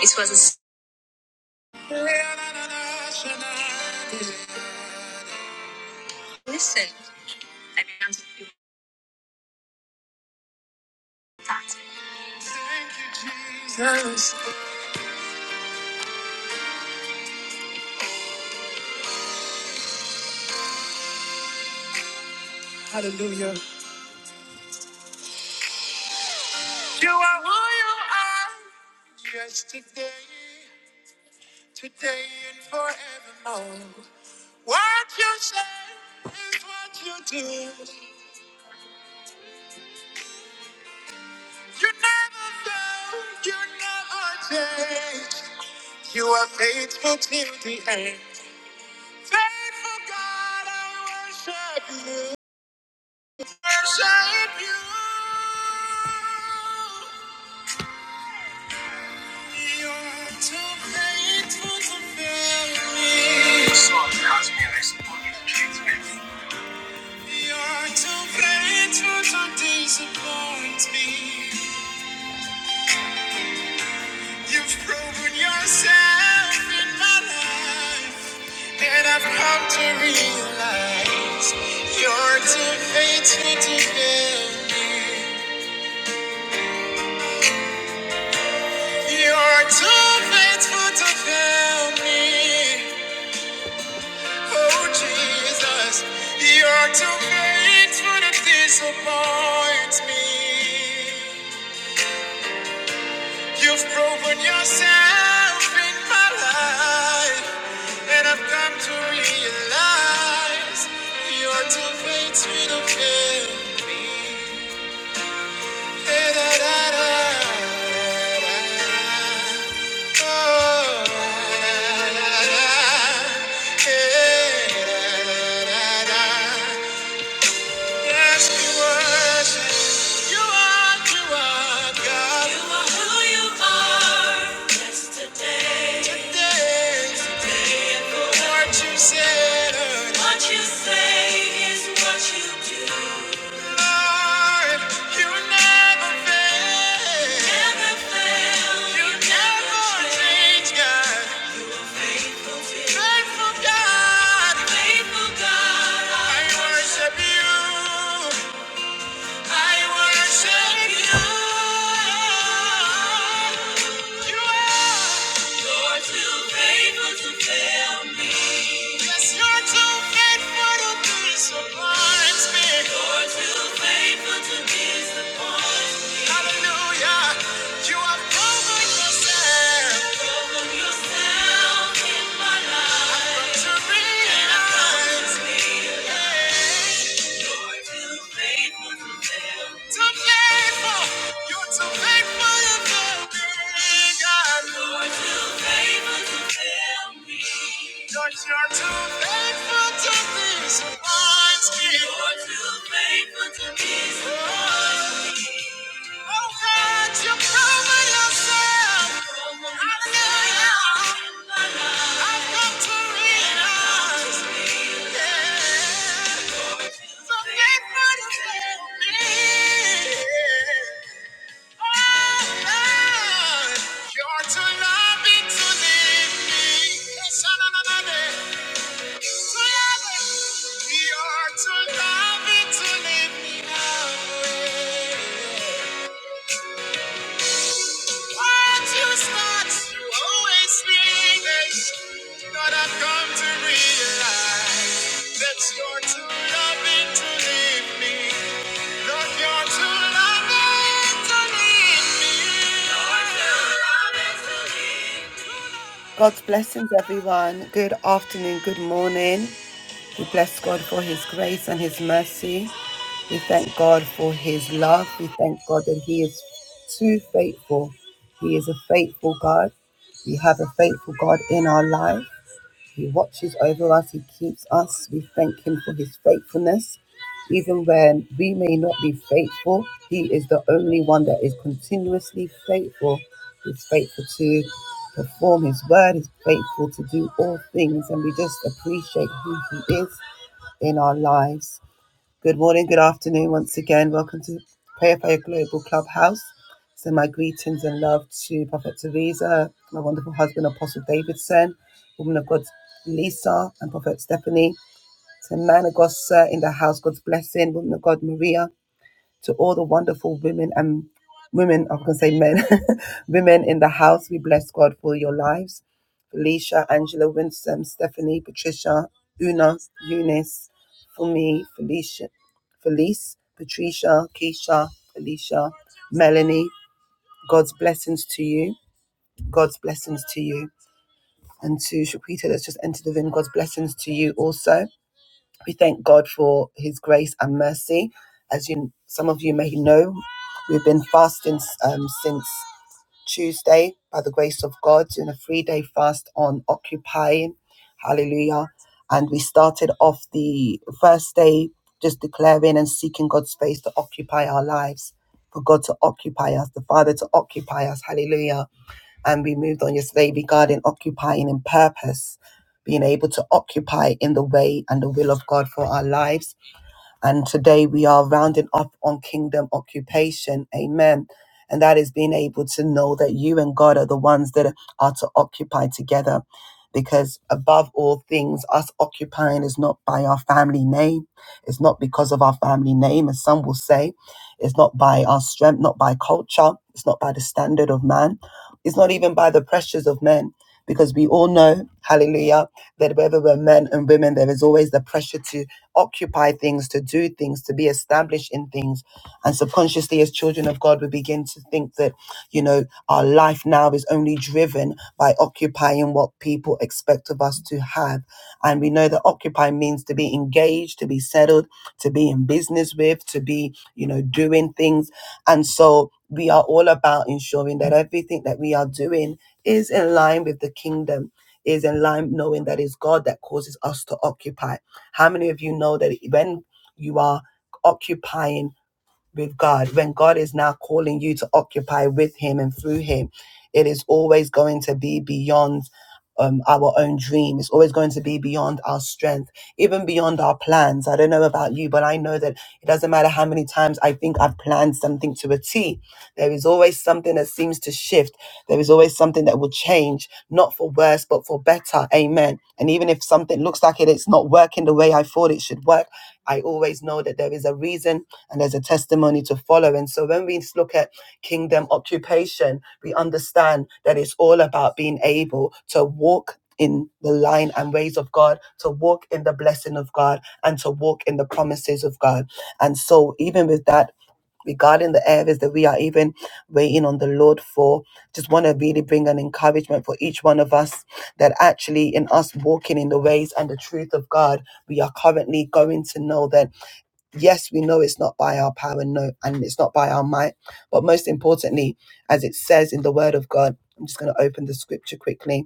It was a listen. I began to feel that. Thank you, Jesus. Hallelujah. You are who you are. Yesterday, today, and forevermore. What you say is what you do. You never fail. You never change. You are faithful till the end. Faithful God, I worship you. Worship you. You're too faithful to fail me. You're too faithful to disappoint me. You've proven yourself in my life, and I've come to realize you're too faithful to fail me. You're too faithful to fail me. Oh, Jesus, you're too faithful to disappoint me. You've proven yourself in my life, and I've come to realize you're too faithful to fail me. Da-da-da-da-da-da. Oh, Hey, Yes, you worship. You are, you are God. You are who you are. Yesterday. Today. Today and forever. What you said. and What you say is what you do. Lord, you never fail. Never fail. You You never never change, God. Faithful God. Faithful God. I worship you. I worship you. You are. You're too faithful to fail me. Yes, you're too faithful to disappoint me. You're too faithful to disappoint me. Hallelujah. You have proven yourself. Proven yourself in my life. I've come to And I've come to realize. realize. You're too faithful to fail me. Too faithful. You're too faithful. You're too God. you too faithful to fail me. God, you're too faithful to disappoint me. you too faithful to disappoint me. Oh, God, you proven yourself. Hallelujah. I've come to realize. Yeah. You're to love me, to live me away. Once you start, you always feel this. But I've come to realize that you're too loving to leave me. That you're too loving to leave me. God's blessings, everyone. Good afternoon, good morning. We bless God for His grace and His mercy. We thank God for His love. We thank God that He is too faithful. He is a faithful God. We have a faithful God in our life. He watches over us, He keeps us. We thank Him for His faithfulness. Even when we may not be faithful, He is the only one that is continuously faithful. He's faithful to perform His word, He's faithful to do all things, and we just appreciate who He is in our lives. Good morning, good afternoon once again. Welcome to Prayer for Global Clubhouse. So my greetings and love to Prophet Teresa, my wonderful husband Apostle Davidson, woman of God Lisa and Prophet Stephanie, to man of God Sir in the house, God's blessing, woman of God Maria, to all the wonderful women and women, I can say men, women in the house. We bless God for your lives. Felicia, Angela, Winston, Stephanie, Patricia, Una, Eunice, Fumi, Felicia, Felice, Patricia, Keisha, Felicia, Melanie. God's blessings to you. God's blessings to you. And to Shaquita that's just entered the room, God's blessings to you also. We thank God for His grace and mercy. As you, some of you may know, we've been fasting um, since Tuesday by the grace of God, doing a three-day fast on occupying. Hallelujah! And we started off the first day just declaring and seeking God's face to occupy our lives, for God to occupy us, the Father to occupy us. Hallelujah! and we moved on yesterday regarding occupying in purpose, being able to occupy in the way and the will of God for our lives and today we are rounding up on kingdom occupation. Amen. And that is being able to know that you and God are the ones that are to occupy together. Because above all things, us occupying is not by our family name. It's not because of our family name, as some will say. It's not by our strength, not by culture. It's not by the standard of man. It's not even by the pressures of men. Because we all know, hallelujah, that whether we're men and women, there is always the pressure to occupy things, to do things, to be established in things. And subconsciously, as children of God, we begin to think that, you know, our life now is only driven by occupying what people expect of us to have. And we know that occupy means to be engaged, to be settled, to be in business with, to be, you know, doing things. And so we are all about ensuring that everything that we are doing is in line with the kingdom, is in line knowing that it's God that causes us to occupy. How many of you know that when you are occupying with God, when God is now calling you to occupy with Him and through Him, it is always going to be beyond um, our own dream. It's always going to be beyond our strength, even beyond our plans. I don't know about you, but I know that it doesn't matter how many times I think I've planned something to a T. There is always something that seems to shift. There is always something that will change, not for worse, but for better. Amen. And even if something looks like it, it's not working the way I thought it should work, I always know that there is a reason and there's a testimony to follow. And so when we look at kingdom occupation, we understand that it's all about being able to walk in the line and ways of God, to walk in the blessing of God, and to walk in the promises of God. And so, even with that, regarding the areas that we are even waiting on the Lord for, just want to really bring an encouragement for each one of us that actually, in us walking in the ways and the truth of God, we are currently going to know that. Yes, we know it's not by our power, no, and it's not by our might. But most importantly, as it says in the word of God, I'm just going to open the scripture quickly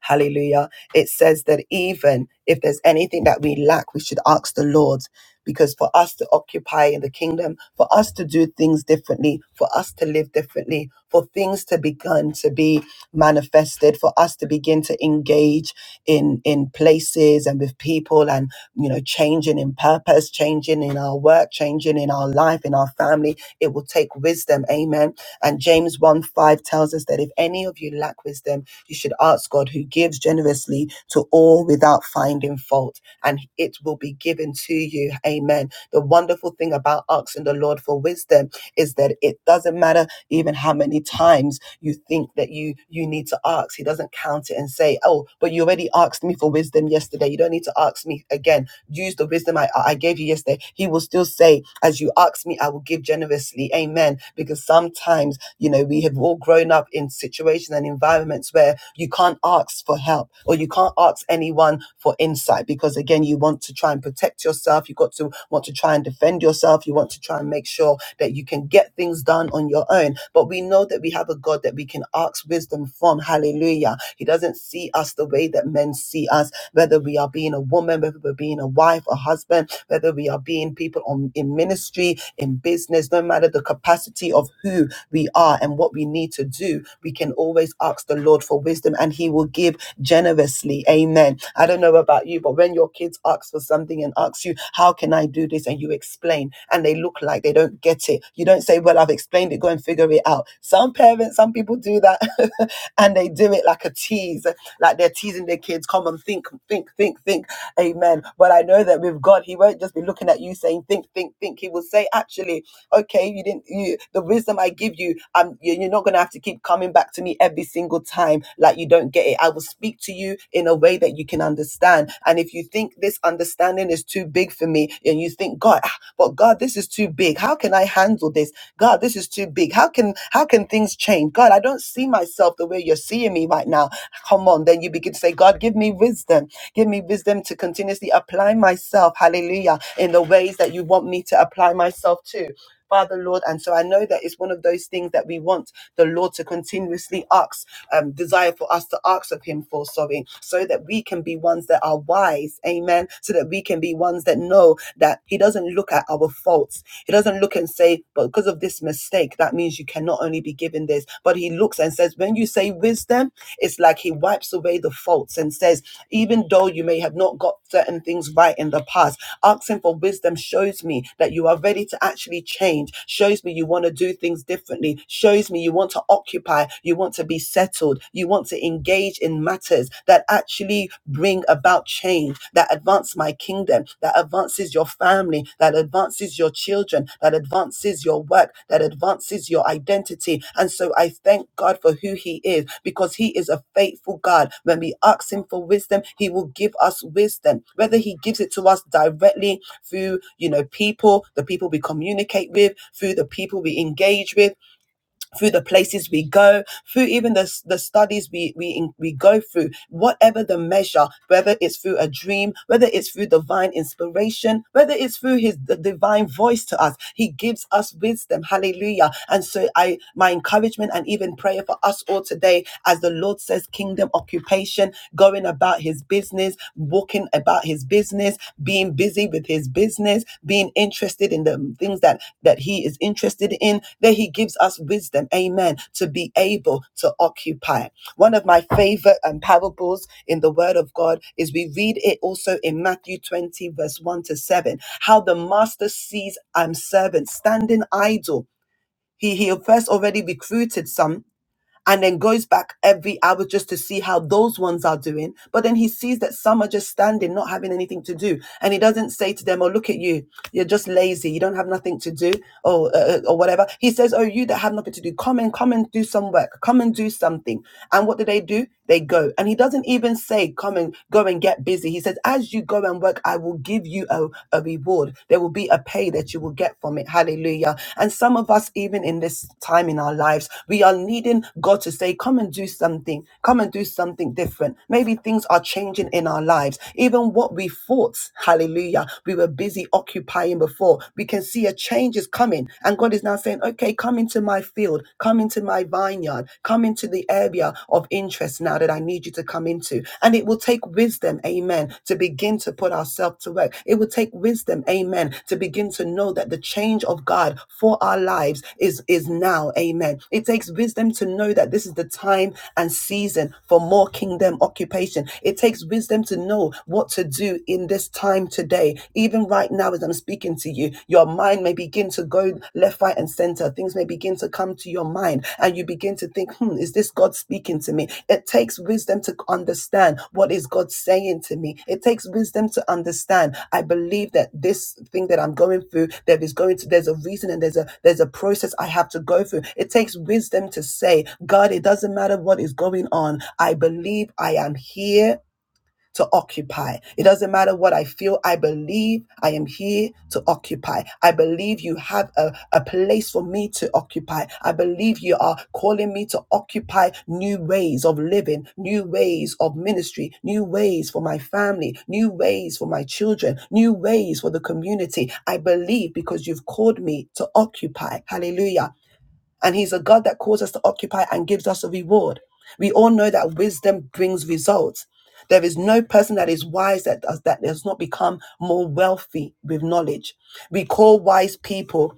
Hallelujah. It says that even if there's anything that we lack, we should ask the Lord. Because for us to occupy in the kingdom, for us to do things differently, for us to live differently, for things to begin to be manifested, for us to begin to engage in, in places and with people and, you know, changing in purpose, changing in our work, changing in our life, in our family, it will take wisdom. Amen. And James 1 5 tells us that if any of you lack wisdom, you should ask God who gives generously to all without finding fault, and it will be given to you. Amen. The wonderful thing about asking the Lord for wisdom is that it doesn't matter even how many times you think that you you need to ask. He doesn't count it and say, "Oh, but you already asked me for wisdom yesterday. You don't need to ask me again." use the wisdom I, I gave you yesterday, he will still say, as you ask me, I will give generously. Amen. Because sometimes, you know, we have all grown up in situations and environments where you can't ask for help or you can't ask anyone for insight because again, you want to try and protect yourself. You got to want to try and defend yourself. You want to try and make sure that you can get things done on your own. But we know that we have a God that we can ask wisdom from. Hallelujah. He doesn't see us the way that men see us whether we are being a woman, whether we're being a wife, a husband, whether we are being people on, in ministry, in business, no matter the capacity of who we are and what we need to do, we can always ask the Lord for wisdom and He will give generously. Amen. I don't know about you, but when your kids ask for something and ask you, How can I do this? and you explain and they look like they don't get it, you don't say, Well, I've explained it, go and figure it out. Some parents, some people do that and they do it like a tease like they're teasing their kids, come and think, think, think, think. Amen. But I know that with God, He won't just be looking at you saying, think, think, think. He will say, actually, okay, you didn't, you, the wisdom I give you, um, you- you're not going to have to keep coming back to me every single time like you don't get it. I will speak to you in a way that you can understand. And if you think this understanding is too big for me and you think, God, ah, but God, this is too big. How can I handle this? God, this is is too big. How can how can things change? God, I don't see myself the way you're seeing me right now. Come on. Then you begin to say, God, give me wisdom. Give me wisdom to continuously apply myself, hallelujah, in the ways that you want me to apply myself to. Father, Lord. And so I know that it's one of those things that we want the Lord to continuously ask, um, desire for us to ask of Him for, sorry, so that we can be ones that are wise. Amen. So that we can be ones that know that He doesn't look at our faults he doesn't look and say, but because of this mistake, that means you cannot only be given this, but he looks and says, when you say wisdom, it's like he wipes away the faults and says, even though you may have not got certain things right in the past, asking for wisdom shows me that you are ready to actually change, shows me you want to do things differently, shows me you want to occupy, you want to be settled, you want to engage in matters that actually bring about change, that advance my kingdom, that advance advances your family, that advances your children, that advances your work, that advances your identity. And so I thank God for who He is because He is a faithful God. When we ask Him for wisdom, He will give us wisdom, whether He gives it to us directly through, you know, people, the people we communicate with, through the people we engage with through the places we go, through even the, the studies we, we, we go through, whatever the measure, whether it's through a dream, whether it's through divine inspiration, whether it's through his the divine voice to us, he gives us wisdom. Hallelujah. And so I, my encouragement and even prayer for us all today, as the Lord says, kingdom occupation, going about his business, walking about his business, being busy with his business, being interested in the things that that he is interested in, that he gives us wisdom, amen, to be able to occupy. One of my favorite um, parables in the word of God is we read it also in Matthew 20, verse 1 to 7, how the master sees um servant standing idle. He he first already recruited some and then goes back every hour just to see how those ones are doing. But then he sees that some are just standing, not having anything to do. And he doesn't say to them, Oh, look at you. You're just lazy. You don't have nothing to do or, uh, uh, or whatever. He says, Oh, you that have nothing to do, come and come and do some work. Come and do something. And what do they do? They go. And he doesn't even say, Come and go and get busy. He says, As you go and work, I will give you a, a reward. There will be a pay that you will get from it. Hallelujah. And some of us, even in this time in our lives, we are needing God to say, Come and do something. Come and do something different. Maybe things are changing in our lives. Even what we thought, hallelujah, we were busy occupying before, we can see a change is coming. And God is now saying, Okay, come into my field, come into my vineyard, come into the area of interest place now that I need you to come into. And it will take wisdom, amen, to begin to put ourselves to work. It will take wisdom, amen, to begin to know that the change of God for our lives is, is now, amen. It takes wisdom to know that this is the time and season for more kingdom occupation. It takes wisdom to know what to do in this time today. Even right now, as I'm speaking to you, your mind may be begin to go left, right, and center. Things may begin to come to your mind, and you begin to think, hmm, is this God speaking to me? It takes wisdom to understand what is God saying to me. It takes wisdom to understand. I believe that this thing that I'm going through, there is going to, there's a reason and there's a there's a process I have to go through. It takes wisdom to say, God, it doesn't matter what is going on. I believe I am here to occupy. It doesn't matter what I feel. I believe I am here to occupy. I believe you have a, a place for me to occupy. I believe you are calling me to occupy new ways of living, new ways of ministry, new ways for my family, new ways for my children, new ways for the community. I believe because you've called me to occupy. Hallelujah and he's a God that calls us to occupy and gives us a reward. We all know that wisdom brings results. There is no person that is wise that does, that does not become more wealthy with knowledge. We call wise people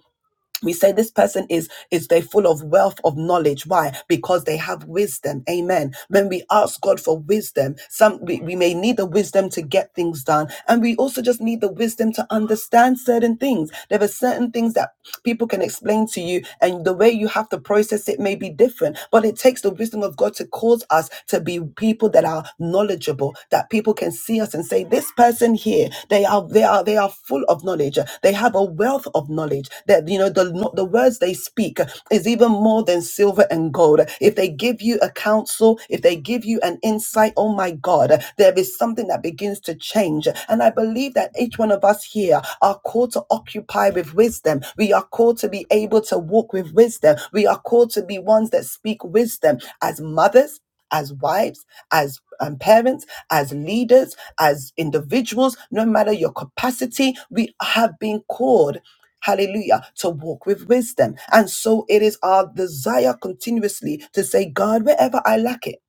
we say this person is is they full of wealth of knowledge why because they have wisdom amen when we ask god for wisdom some we, we may need the wisdom to get things done and we also just need the wisdom to understand certain things there are certain things that people can explain to you and the way you have to process it may be different but it takes the wisdom of god to cause us to be people that are knowledgeable that people can see us and say this this person here, they are they are they are full of knowledge. They have a wealth of knowledge. That you know the the words they speak is even more than silver and gold. If they give you a counsel, if they give you an insight, oh my God, there is something that begins to change. And I believe that each one of us here are called to occupy with wisdom. We are called to be able to walk with wisdom. We are called to be ones that speak wisdom as mothers, as wives, as um, parents, as leaders as individuals, no matter your capacity, we have been called. Hallelujah, to walk with wisdom. And so it is our desire continuously to say, God, wherever I lack it,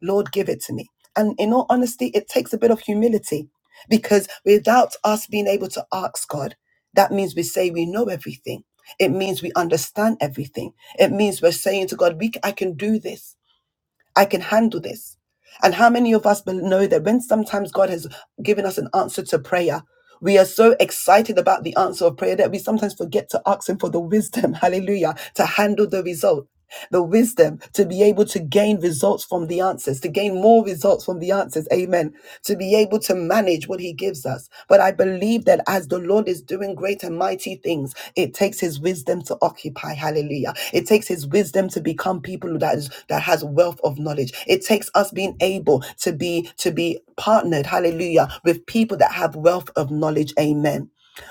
Lord, give it to me. And in all honesty, it takes a bit of humility because without us being able to ask God, that means we say we know everything. It means we understand everything. It means we're saying to God, we, I can do this. I can handle this. And how many of us bel- know that when sometimes God has given us an answer to prayer, we are so excited about the answer of prayer that we sometimes forget to ask Him for the wisdom, hallelujah, to handle the result the wisdom to be able to gain results from the answers, to gain more results from the answers. Amen. To be able to manage what He gives us. But I believe that as the Lord is doing great and mighty things, it takes His wisdom to occupy. Hallelujah. It takes His wisdom to become people that is that has wealth of knowledge. It takes us being able to be to be partnered. Hallelujah. With people that have wealth of knowledge. Amen.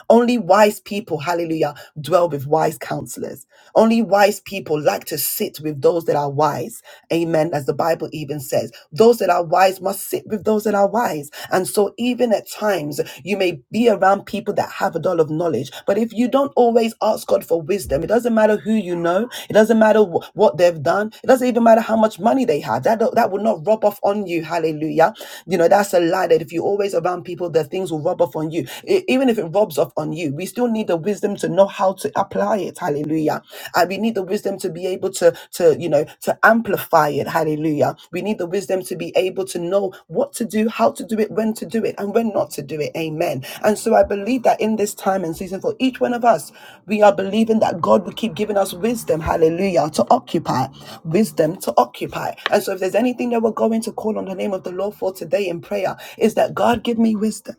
Only wise people, hallelujah, dwell with wise counselors. Only wise people like to sit with those that are wise. Amen. As the Bible even says, those that are wise must sit with those that are wise. And so, even at times, you may be around people that have a doll of knowledge, but if you don't always ask God for wisdom, it doesn't matter who you know, it doesn't matter wh- what they've done, it doesn't even matter how much money they have. That, don't- that will not rub off on you. Hallelujah. You know, that's a lie that if you're always around people, the things will rub off on you. E- even if it rubs off on you, we still need the wisdom to know how to apply it. Hallelujah. And we need the wisdom to be able to, to, you know, to amplify it. Hallelujah. We need the wisdom to be able to know what to do, how to do it, when to do it, and when not to do it. Amen. And so I believe that in this time and season for each one of us, we are believing that God will keep giving us wisdom. Hallelujah. To occupy, wisdom to occupy. And so if there's anything that we're going to call on the name of the Lord for today in prayer, is that God give me wisdom.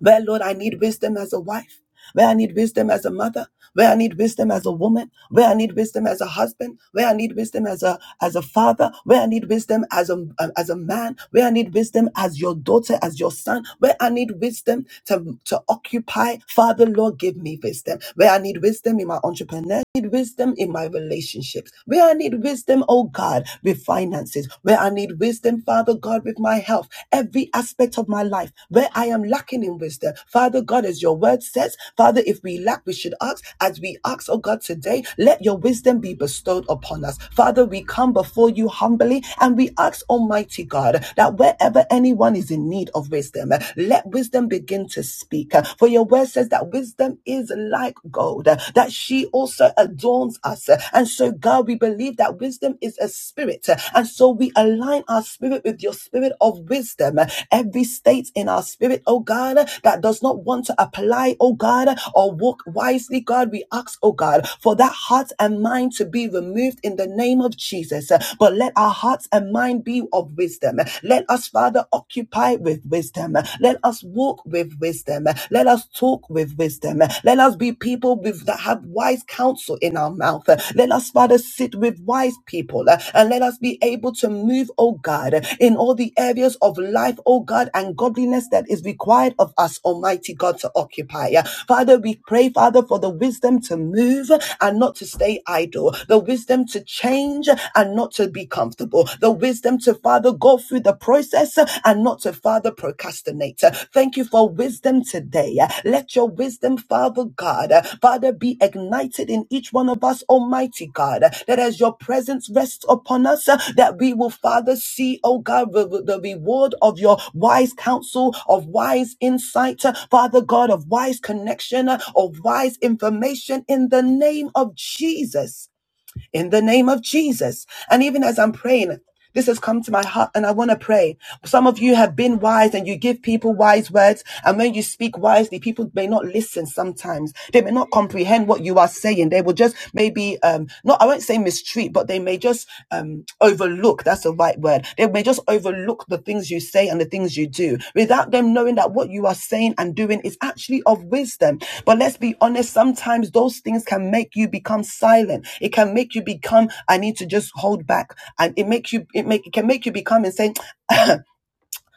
Where, Lord, I need wisdom as a wife, where I need wisdom as a mother, where I need wisdom as a woman, where I need wisdom as a husband, where I need wisdom as a as a father, where I need wisdom as a as a man, where I need wisdom as your daughter, as your son, where I need wisdom to to occupy. Father, Lord, give me wisdom. Where I need wisdom in my entrepreneurship need wisdom in my relationships, where I need wisdom, oh God, with finances, where I need wisdom, Father God, with my health, every aspect of my life, where I am lacking in wisdom. Father God, as your word says, Father, if we lack, we should ask. As we ask, oh God, today, let your wisdom be bestowed upon us. Father, we come before you humbly and we ask, Almighty God, that wherever anyone is in need of wisdom, let wisdom begin to speak. For your word says, says that wisdom is like gold, uh, that she also adorns us. uh, And so, God, we believe that wisdom is a spirit. uh, And so, we align our spirit with your spirit of wisdom. uh, Every state in our spirit, oh God, uh, that does not want to apply, oh God, uh, or walk wisely, God, we ask, oh God, for that heart and mind to be removed in the name of Jesus. Uh, But let our hearts and mind be of wisdom. Let us, Father, occupy with with wisdom. Let us walk with wisdom. Let us talk with wisdom. Let us be people with, that have wise counsel in our mouth. Let us, Father, sit with wise people uh, and let us be able to move, oh God, in all the areas of life, oh God, and godliness that is required of us, Almighty God, to occupy. Uh, Father, we pray, Father, for the wisdom to move and not to stay idle, the wisdom to change and not to be comfortable, the the wisdom to Father go through the process uh, and not to Father procrastinate. Uh, Thank you for wisdom today. Uh, Let your wisdom, Father God, uh, Father, be ignited in each one of us, Almighty God, uh, that as your presence rests upon us, uh, that we will, Father, see, oh God, the reward of your wise counsel, of wise insight, uh, Father God, of wise connection, uh, of wise information in the name of Jesus in the name of Jesus. And even as I'm praying, this has come to my heart and I want to pray. Some of you have been wise and you give people wise words. And when you speak wisely, people may not listen sometimes. They may not comprehend what you are saying. They will just maybe, um, not, I won't say mistreat, but they may just, um, over overlook. That's the right word. They may just overlook the things you say and the things you do without them knowing that what you are saying and doing is actually of wisdom. But let's be honest, sometimes those things can make you become silent. It can make you become, I need to just hold back. And it makes you, it make, it can make you become and say,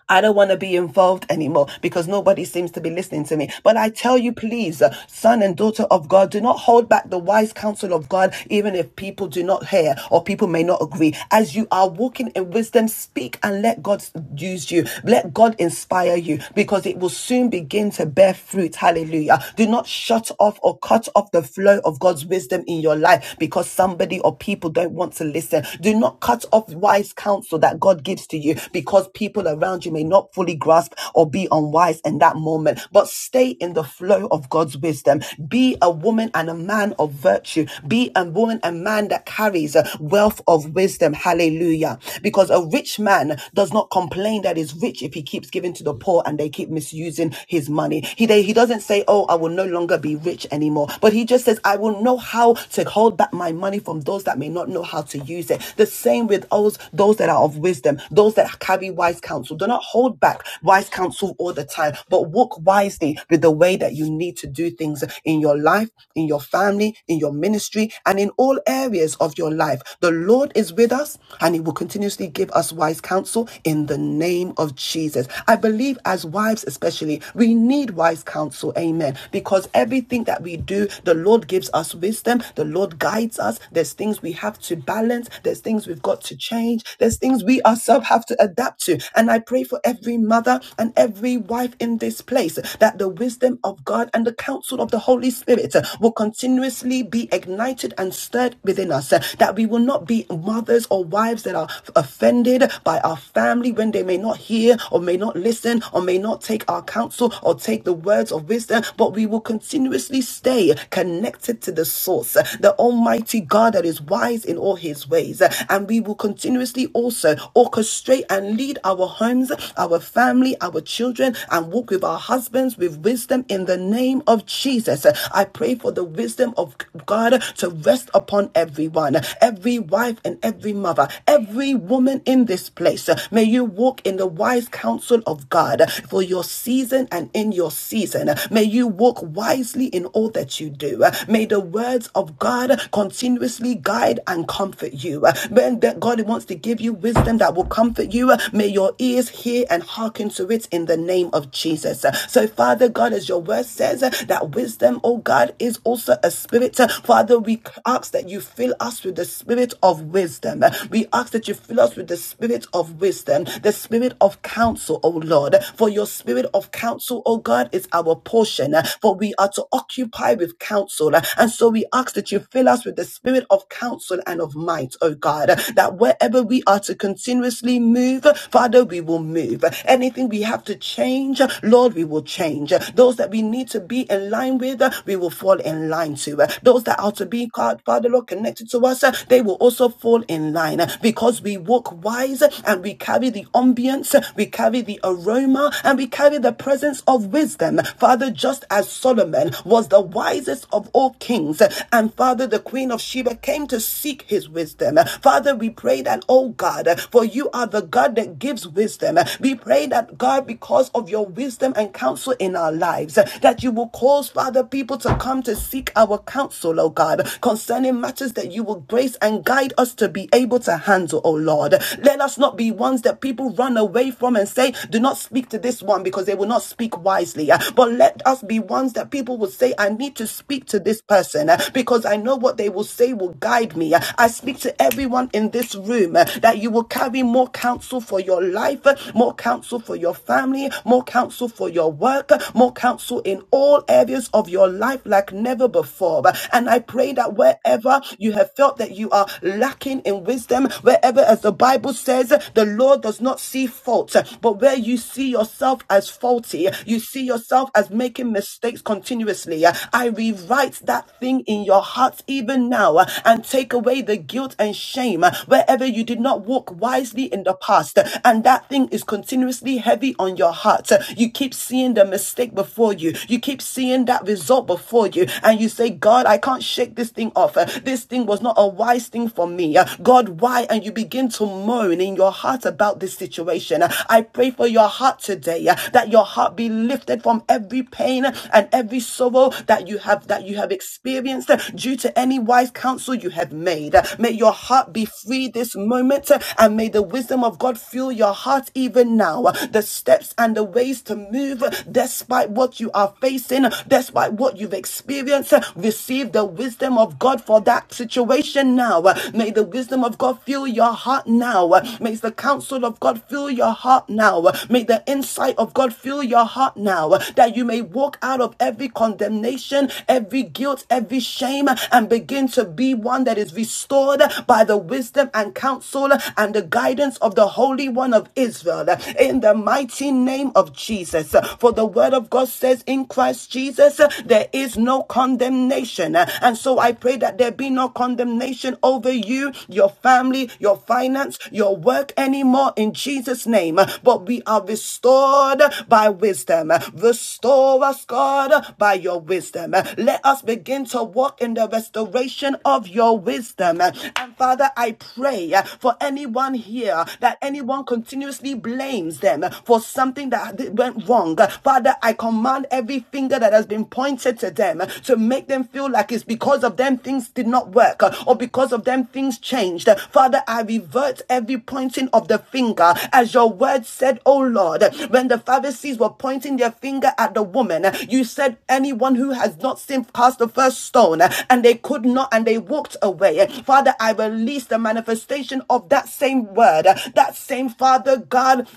I don't want to be involved anymore because nobody seems to be listening to me. But I tell you, please, uh, son and daughter of God, do not hold back the wise counsel of God, even if people do not hear or people may not agree. As you are walking in wisdom, speak and let God use you. Let God inspire you because it will soon begin to bear fruit. Hallelujah. Do not shut off or cut off the flow of God's wisdom in your life because somebody or people don't want to listen. Do not cut off wise counsel that God gives to you because people around you may you may not fully grasp or be unwise in that moment, but stay in the flow of God's wisdom. Be a woman and a man of virtue. Be a woman and man that carries a wealth of wisdom. Hallelujah. Because a rich man does not complain that he's rich if he keeps giving to the poor and they keep misusing his money. He, they, he doesn't say, Oh, I will no longer be rich anymore. But he just says, I will know how to hold back my money from those that may not know how to use it. The same with those, those that are of wisdom, those that carry wise counsel. Do not not hold back wise counsel all the time, but walk wisely with the way that you need to do things in your life, in your family, in your ministry, and in all areas of your life. The Lord is with us and He will continuously give us wise counsel in the name of Jesus. I believe as wives, especially, we need wise counsel. Amen. Because everything that we do, the Lord gives us wisdom, the Lord guides us. There's things we have to balance, there's things we've got to change, there's things we ourselves have to adapt to. And I pray for for every mother and every wife in this place that the wisdom of God and the counsel of the Holy Spirit uh, will continuously be ignited and stirred within us, uh, that we will not be mothers or wives that are offended by our family when they may not hear or may not listen or may not take our counsel or take the words of wisdom, but we will continuously stay connected to the source, uh, the Almighty God that is wise in all his ways. uh, And we will continuously also orchestrate and lead our homes our family, our children, and walk with our husbands with wisdom in the name of Jesus. I pray for the wisdom of God to rest upon everyone, every wife and every mother, every woman in this place. May you walk in the wise counsel of God for your season and in your season. May you walk wisely in all that you do. May the words of God continuously guide and comfort you. When God wants to give you wisdom that will comfort you, may your ears hear hear and hearken to it in the name of Jesus. So, Father God, as your word says, that wisdom, oh God, is also a spirit. Father, we ask that you fill us with the spirit of wisdom. We ask that you fill us with the spirit of wisdom, the spirit of counsel, oh Lord. For your spirit of counsel, oh God, is our portion. For we are to occupy with counsel. And so we ask that you fill us with the spirit of counsel and of might, oh God, that wherever we are to continuously move, Father, we will move with. Anything we have to change, Lord, we will change. Those that we need to be in line with, we will fall in line to. Those that are to be, God, Father, Lord, connected to us, they will also fall in line because we walk wise and we carry the ambience, we carry the aroma, and we carry the presence of wisdom. Father, just as Solomon was the wisest of all kings, and Father, the Queen of Sheba came to seek his wisdom. Father, we pray that, oh God, for you are the God that gives wisdom. We pray that God, because of your wisdom and counsel in our lives, that you will cause, Father, people to come to seek our counsel, oh God, concerning matters that you will grace and guide us to be able to handle, oh Lord. Let us not be ones that people run away from and say, do not speak to this one because they will not speak wisely. But let us be ones that people will say, I need to speak to this person uh, because I know what they will say will guide me. Uh, I speak to everyone in this room uh, that you will carry more counsel for your life, uh, more more counsel for your family, more counsel for your work, more counsel in all areas of your life like never before. And I pray that wherever you have felt that you are lacking in wisdom, wherever, as the Bible says, the Lord does not see fault, but where you see yourself as faulty, you see yourself as making mistakes continuously. I rewrite that thing in your heart even now and take away the guilt and shame wherever you did not walk wisely in the past. And that thing is continuing continuously heavy on your heart. So You keep seeing the mistake before you. You keep seeing that result before you. And you say, God, I can't shake this thing off. Uh, This thing was not a wise thing for me. Uh, God, why? And you begin to moan in your heart about this situation. Uh, I pray for your heart today uh, that your heart be lifted from every pain and every sorrow that you have that you have experienced uh, due to any wise counsel you have made. Uh, May your heart be free this moment uh, and may the wisdom of God fill your heart even even now, the steps and the ways to move despite what you are facing, despite what you've experienced. Receive the wisdom of God for that situation now. May the wisdom of God fill your heart now. May the counsel of God fill your heart now. May the insight of God fill your heart now that you may walk out of every condemnation, every guilt, every shame, and begin to be one that is restored by the wisdom and counsel and the guidance of the Holy One of Israel in the mighty name of Jesus. For the word of God says, In Christ Jesus, there is no condemnation. And so I pray that there be no condemnation over you, your family, your finance, your work anymore in Jesus' name. But we are restored by wisdom. Restore us, God, by your wisdom. Let us begin to walk in the restoration of your wisdom. And Father, I pray for anyone here that anyone continuously blames blames them for something that went wrong. Father, I command every finger that has been pointed to them to make them feel like it's because of them things did not work or because of them things changed. Father, I revert every pointing of the finger as your word said, oh Lord, when the Pharisees were pointing their finger at the woman, you said anyone who has not sinned cast the first stone and they could not and they walked away. Father, I release the manifestation of that same word, that same Father God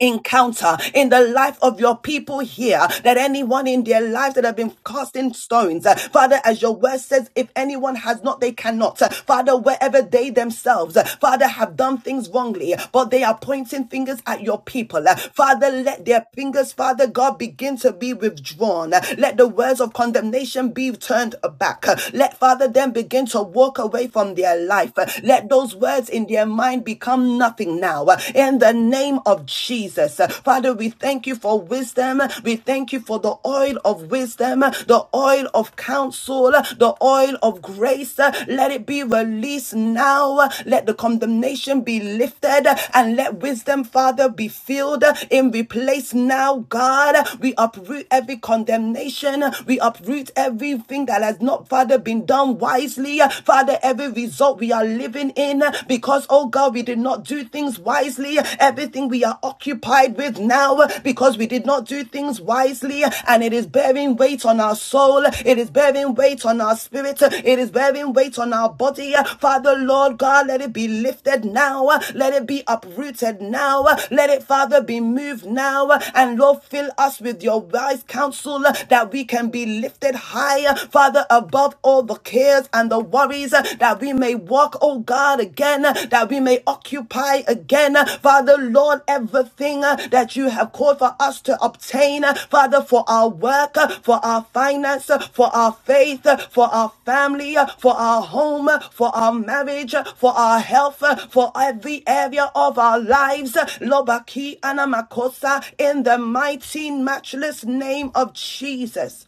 encounter in the life of your people here that anyone in their life that have been casting stones uh, father as your word says if anyone has not they cannot Uh, father wherever they themselves uh, father have done things wrongly but they are pointing fingers at your people Uh, father let their fingers father god begin to be withdrawn Uh, let the words of condemnation be turned back Uh, let father them begin to walk away from their life Uh, let those words in their mind become become nothing now. uh, In the name of Jesus. Uh, Father, we thank you for wisdom. We thank you for the oil of wisdom, uh, the oil of counsel, uh, the oil of grace. Uh, Let it be released now. Uh, Let the condemnation be lifted uh, and let wisdom, Father, be filled uh, in replace now, God. We uproot every condemnation. We uproot everything that has not, Father, been done wisely. Father, every result we world we are living in because, oh God, we did not do things wisely. Everything we are occupied with now because we did not do things wisely and it is bearing weight on our soul. It is bearing weight on our spirit. It is bearing weight on our body. Father, Lord God, let it be lifted now. Let it be uprooted now. Let it, Father, be moved now. And Lord, fill us with your wise counsel that we can be lifted higher, Father, above all all the cares and the worries uh, that we may walk, oh God, again, uh, that we may occupy again. uh, Father, Lord, everything uh, that you have called for us to obtain, uh, Father, for our work, uh, for our finance, uh, for our faith, uh, for our family, uh, for our home, uh, for our marriage, uh, for our health, uh, for every area of our lives. uh, Lobaki Anamakosa, in the mighty, matchless name of Jesus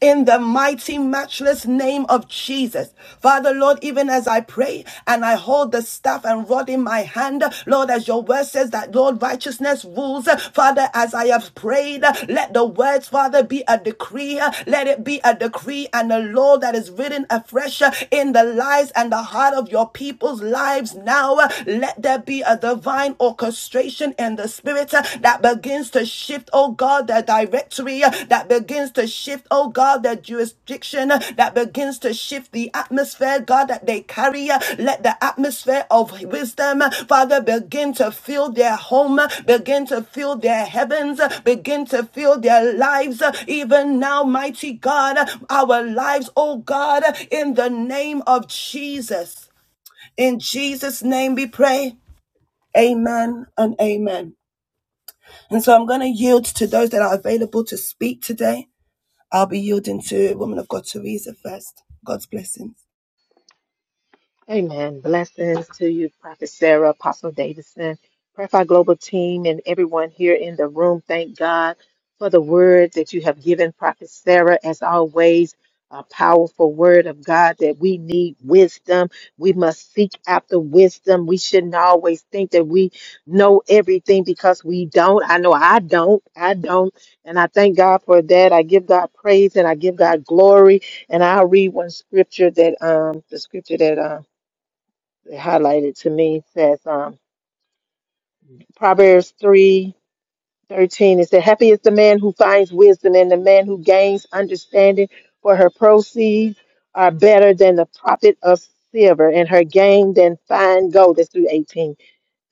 in the mighty, matchless name of Jesus. Father, Lord, even as I pray and I hold the staff and rod in my hand, Lord, as your word says that, Lord, righteousness rules. Father, as I have prayed, let the words, Father, be a decree. Let it be a decree and a law that is written afresh in the lives and the heart of your people's lives now. Let there be a divine orchestration in the spirit uh, that begins to shift, oh God, the directory uh, that begins to shift, oh God, the jurisdiction uh, that begins to shift the atmosphere, God, that they carry. uh, Let the atmosphere of wisdom, uh, Father, begin to fill their home, uh, begin to fill their heavens, uh, begin to fill their lives, uh, even now, mighty God, uh, our lives, oh God, uh, in the name of Jesus. In Jesus' name we pray. Amen and amen. And so I'm going to yield to those that are available to speak today. I'll be yielding to Woman of God Teresa first. God's blessings. Amen. Blessings to you, Prophet Sarah, Apostle Davidson, Prayer Fire Global team, and everyone here in the room. Thank God for the word that you have given, Prophet Sarah, as always. A powerful word of God that we need wisdom. We must seek after wisdom. We shouldn't always think that we know everything because we don't. I know I don't. I don't. And I thank God for that. I give God praise and I give God glory. And I'll read one scripture that um the scripture that um highlighted to me says um, Proverbs three thirteen. It said, Happy is the man who finds wisdom and the man who gains understanding, for her proceeds are better than the profit of silver and her gain than fine gold. That's through eighteen.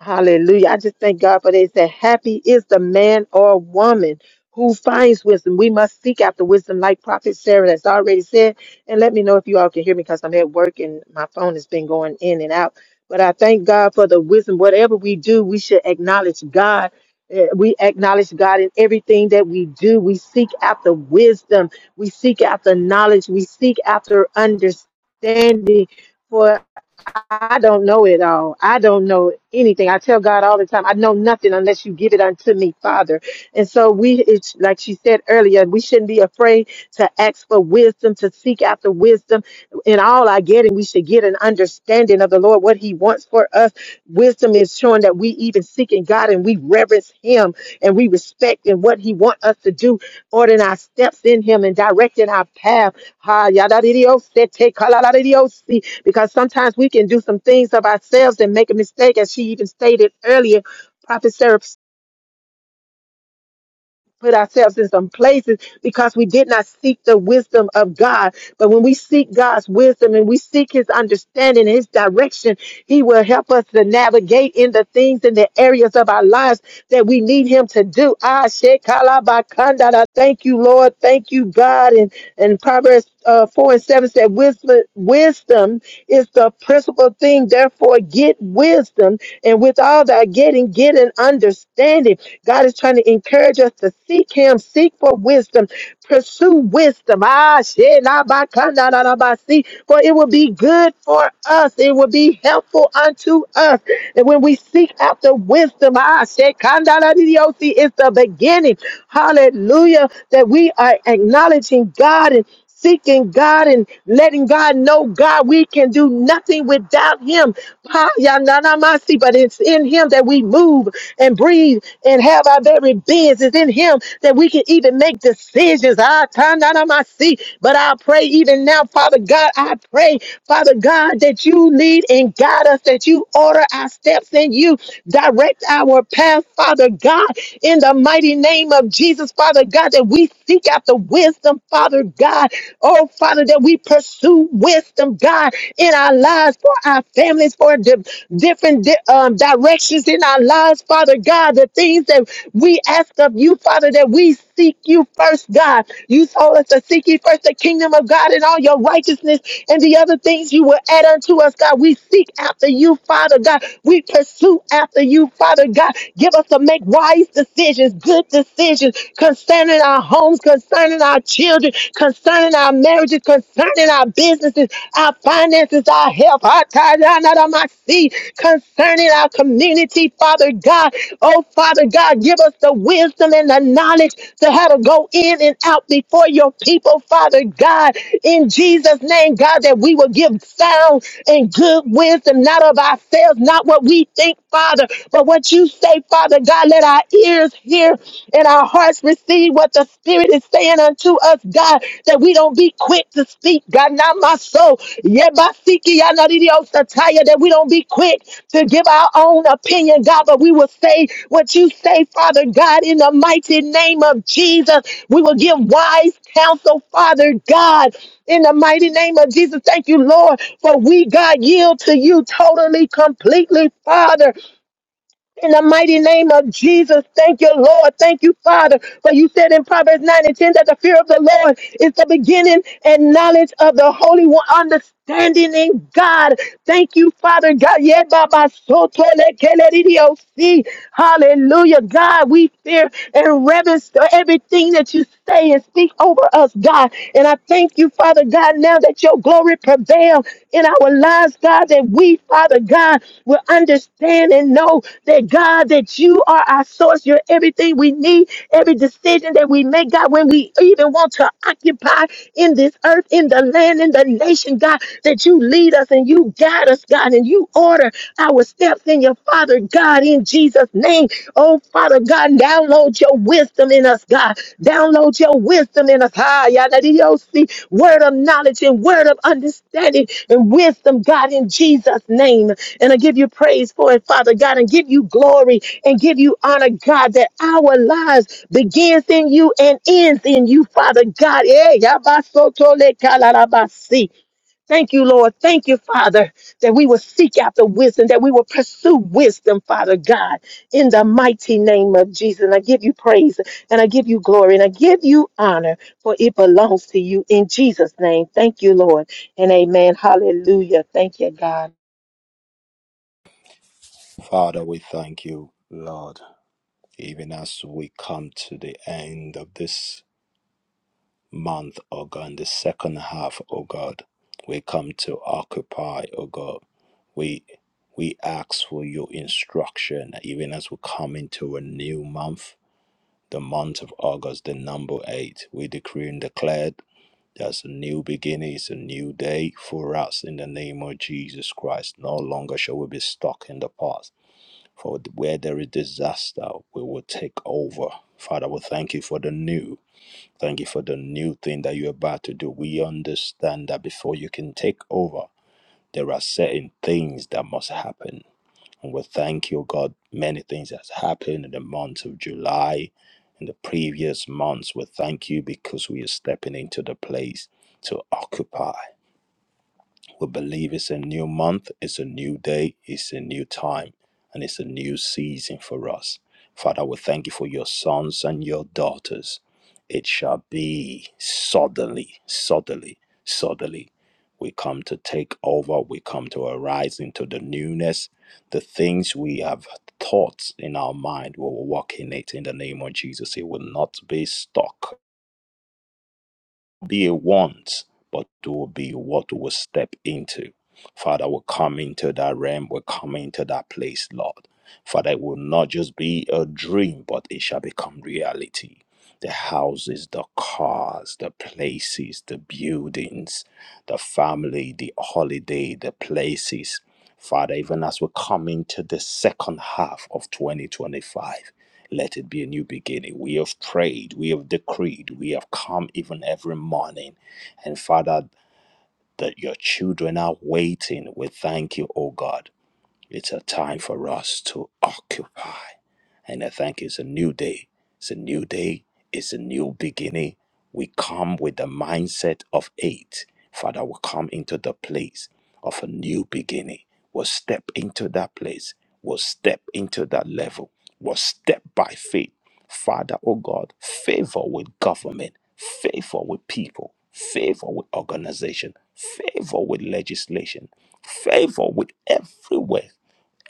Hallelujah. I just thank God for they said, Happy is the man or woman who finds wisdom. We must seek after wisdom, like Prophet Sarah has already said. And let me know if you all can hear me because I'm at work and my phone has been going in and out. But I thank God for the wisdom. Whatever we do, we should acknowledge God. Eh, We acknowledge God in everything that we do. We seek after wisdom. We seek after knowledge. We seek after understanding. I don't know it all. I don't know anything. I tell God all the time, I know nothing unless you give it unto me, Father. And so we, it's like she said earlier, we shouldn't be afraid to ask for wisdom, to seek after wisdom. In all our getting, we should get an understanding of the Lord, what He wants for us. Wisdom is showing that we even seeking God and we reverence Him and we respect and what He wants us to do, ordering our steps in Him and directing our path. Ha, yada yadadidiose, te kalaladidiose. Because sometimes we can do some things of ourselves and make a mistake, as she even stated earlier. Prophet Sarah put ourselves in some places because we did not seek the wisdom of God. But when we seek God's wisdom and we seek his understanding, his direction, he will help us to navigate in the things in the areas of our lives that we need him to do. Ah, shekalabakandala. Thank you, Lord. Thank you, God. And, and Proverbs uh, 4 and 7 said, wisdom, wisdom is the principal thing. Therefore, get wisdom and with all that getting, get an understanding. God is trying to encourage us to seek Him, seek for wisdom, pursue wisdom. Ah, shit, nah, bah, ka, nah, nah, nah, bah, see. For it will be good for us, it will be helpful unto us. And when we seek after wisdom, ah, shit, ka, nah, nah, dee, dee, oh, see, it's the beginning. Hallelujah. That we are acknowledging God and seeking God and letting God know, God, we can do nothing without Him. Pa- ya na na ma si, But it's in Him that we move and breathe and have our very beings. It's in Him that we can even make decisions. Ah, ta na na ma si. But I pray even now, Father God, I pray, Father God, that you lead and guide us, that you order our steps and you direct our path, Father God, in the mighty name of Jesus, Father God, that we seek seek after wisdom, Father God. Oh, Father, that we pursue wisdom, God, in our lives, for our families, for the different di- um, directions in our lives, Father God. The things that we ask of you, Father, that we seek you first, God. You told us to seek ye first the kingdom of God and all your righteousness and the other things you will add unto us, God. We seek after you, Father God. We pursue after you, Father God. Give us to make wise decisions, good decisions decisions concerning our homes, concerning our children, concerning our marriages, concerning our businesses, our finances, our health, our see concerning our community, Father God. Oh, Father God, give us the wisdom and the knowledge to how to go in and out before your people, Father God. In Jesus' name, God, that we will give sound and good wisdom, not of ourselves, not what we think, Father, but what you say, Father God. Lord God, let our ears hear and our hearts receive what the Spirit is saying unto us, God, that we don't be quick to speak, God, not my soul, yet by seeking. Yebasiki yanadidiyosataya, that we don't be quick to give our own opinion, God, but we will say what you say, Father God, in the mighty name of Jesus. We will give wise counsel, Father God. In the mighty name of Jesus, thank you, Lord, for we, God, yield to you totally, completely, Father. In the mighty name of Jesus, thank you, Lord. Thank you, Father. For you said in Proverbs 9 and 10 that the fear of the Lord is the beginning and knowledge of the Holy One, understanding in God. Thank you, Father God. Yeah, Baba, so to le- ke le di di o si. Hallelujah. God, we fear and reverence everything that you say and speak over us, God. And I thank you, Father. Father God, now that your glory prevail in our lives, God, that we, Father God, will understand and know that, God, that you are our source. You're everything we need, every decision that we make, God, when we even want to occupy in this earth, in the land, in the nation, God, that you lead us and you guide us, God, and you order our steps in your Father, God, in Jesus' name. Oh, Father God, download your wisdom in us, God. Download your wisdom in us. Ah, yadadiosi. Word of knowledge and word of understanding and wisdom, God, in Jesus' name. And I give you praise for it, Father God, and give you glory and give you honor, God, that our lives begins in you and ends in you, Father God. Eh, yabasotole kalarabasi. Thank you, Lord. Thank you, Father, that we will seek after wisdom, that we will pursue wisdom, Father God in the mighty name of Jesus. And I give you praise and I give you glory and I give you honor, for it belongs to you in Jesus' name. Thank you, Lord. And amen. Hallelujah. Thank you, God. Father, we thank you, Lord, even as we come to the end of this month, O God, in the second half, O God. We come to occupy, O God. We we ask for your instruction, even as we come into a new month, the month of August, the number eight. We decree and declare there's a new beginning, it's a new day for us in the name of Jesus Christ. No longer shall we be stuck in the past for where there is disaster, we will take over. Father, we thank you for the new. Thank you for the new thing that you're about to do. We understand that before you can take over, there are certain things that must happen. And we thank you, God. Many things has happened in the month of July, in the previous months. We thank you because we are stepping into the place to occupy. We believe it's a new month, it's a new day, it's a new time, and it's a new season for us. Father, we thank you for your sons and your daughters. It shall be suddenly, suddenly, suddenly. We come to take over, we come to arise into the newness. The things we have thought in our mind, we will walk in it in the name of Jesus. It will not be stuck be a want, but it will be what we step into. Father, we come into that realm, we come into that place, Lord. Father, it will not just be a dream, but it shall become reality. The houses, the cars, the places, the buildings, the family, the holiday, the places. Father, even as we come into the second half of 2025, let it be a new beginning. We have prayed, we have decreed, we have come even every morning. And Father, that your children are waiting. We thank you, O God. It's a time for us to occupy. And I think it's a new day. It's a new day. It's a new beginning. We come with the mindset of eight. Father, we come into the place of a new beginning. We'll step into that place. We'll step into that level. We'll step by faith. Father, oh God, favor with government, favor with people, favor with organization, favor with legislation, favor with everywhere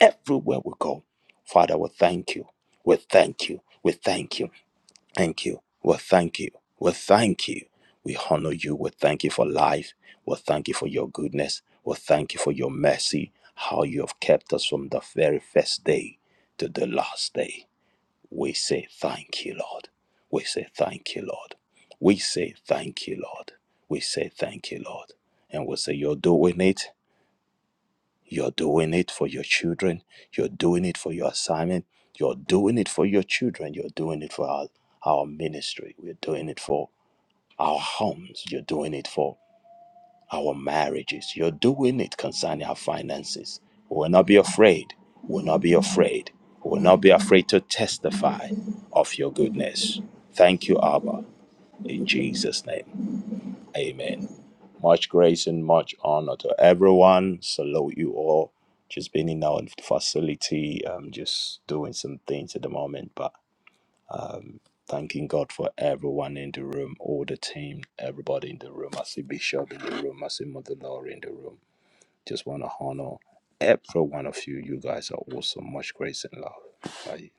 everywhere we go. Father, we thank you. We thank you. We thank you. Thank you. We thank you. We thank you. We honor you. We thank you for life. We thank you for your goodness. We thank you for your mercy, how you have kept us from the very first day to the last day. We say thank you, Lord. We say thank you, Lord. We say thank you, Lord. We say thank you, Lord. And we say, You're doing it. You're doing it for your children. You're doing it for your assignment. You're doing it for your children. You're doing it for our, our ministry. We're doing it for our homes. You're doing it for our marriages. You're doing it concerning our finances. We will not be afraid. We will not be afraid. We will not be afraid to testify of your goodness. Thank you, Abba. In Jesus' name, amen. Much grace and much honor to everyone. Salute you all. Just been in our facility, um, just doing some things at the moment, but thanking God for everyone in the room, all the team, everybody in the room. I see Bishop in the room, I see Mother Laura in the room. Just want to honor every one of you. You guys are awesome. Much grace and love. Bye.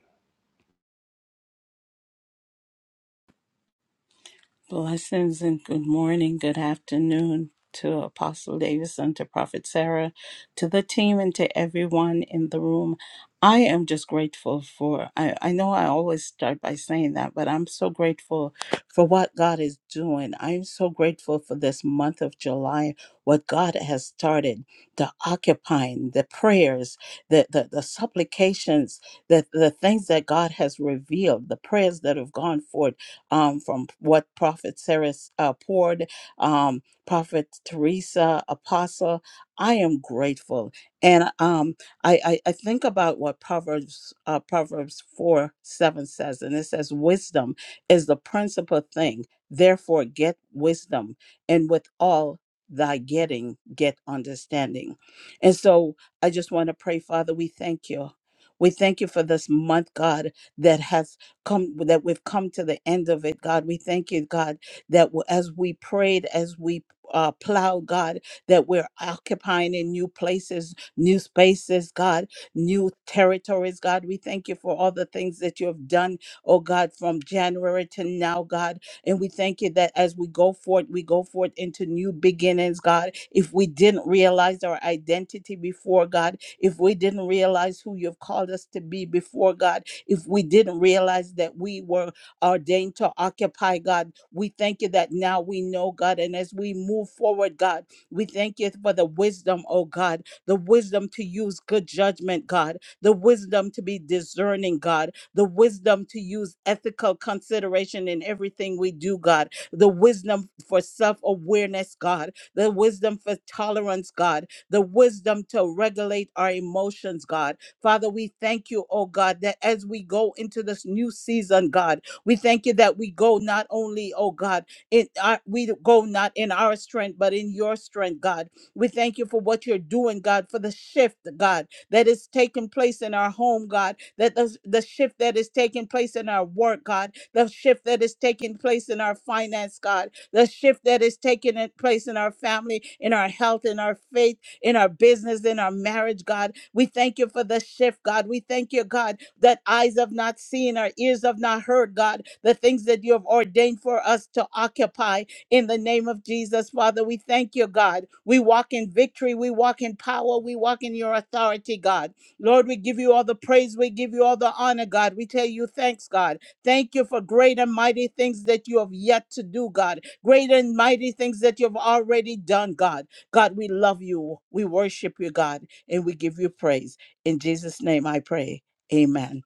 Blessings and good morning, good afternoon to Apostle Davis and to Prophet Sarah, to the team and to everyone in the room. I am just grateful for, I, I know I always start by saying that, but I'm so grateful for what God is doing. I'm so grateful for this month of July, what God has started, the occupying, the prayers, the, the, the supplications, the, the things that God has revealed, the prayers that have gone forth um, from what Prophet Sarah uh, poured, um, Prophet Teresa, Apostle. I am grateful, and um, I, I I think about what Proverbs uh, Proverbs four seven says, and it says, "Wisdom is the principal thing. Therefore, get wisdom, and with all thy getting, get understanding." And so, I just want to pray, Father, we thank you. We thank you for this month, God, that has come that we've come to the end of it god we thank you god that w- as we prayed as we uh, plowed god that we're occupying in new places new spaces god new territories god we thank you for all the things that you have done oh god from january to now god and we thank you that as we go forth we go forth into new beginnings god if we didn't realize our identity before god if we didn't realize who you've called us to be before god if we didn't realize that we were ordained to occupy, God. We thank you that now we know, God. And as we move forward, God, we thank you for the wisdom, oh God, the wisdom to use good judgment, God, the wisdom to be discerning, God, the wisdom to use ethical consideration in everything we do, God, the wisdom for self awareness, God, the wisdom for tolerance, God, the wisdom to regulate our emotions, God Father, we thank you, oh God, that as we go into this new season, God, we thank you that we go not only, oh God, in our, we go not in our strength, but in your strength, God. We thank you for what you're doing, God, for the shift, God, that is taking place in our home, God, that the, the shift that is taking place in our work, God, the shift that is taking place in our finance, God, the shift that is taking it- place in our family, in our health, in our faith in our business, in our marriage, God. We thank you for the shift, God. We thank you, God, that eyes have not seen, our ears have not heard, God, the things that you have ordained for us to occupy in the name of Jesus, Father. We thank you, God. We walk in victory, we walk in power, we walk in your authority, God. Lord, we give you all the praise, we give you all the honor, God. We tell you thanks, God. Thank you for great and mighty things that you have yet to do, God. Great and mighty things that you have already done, God. God, we love you. We worship you, God, and we give you praise. In Jesus' name I pray. Amen.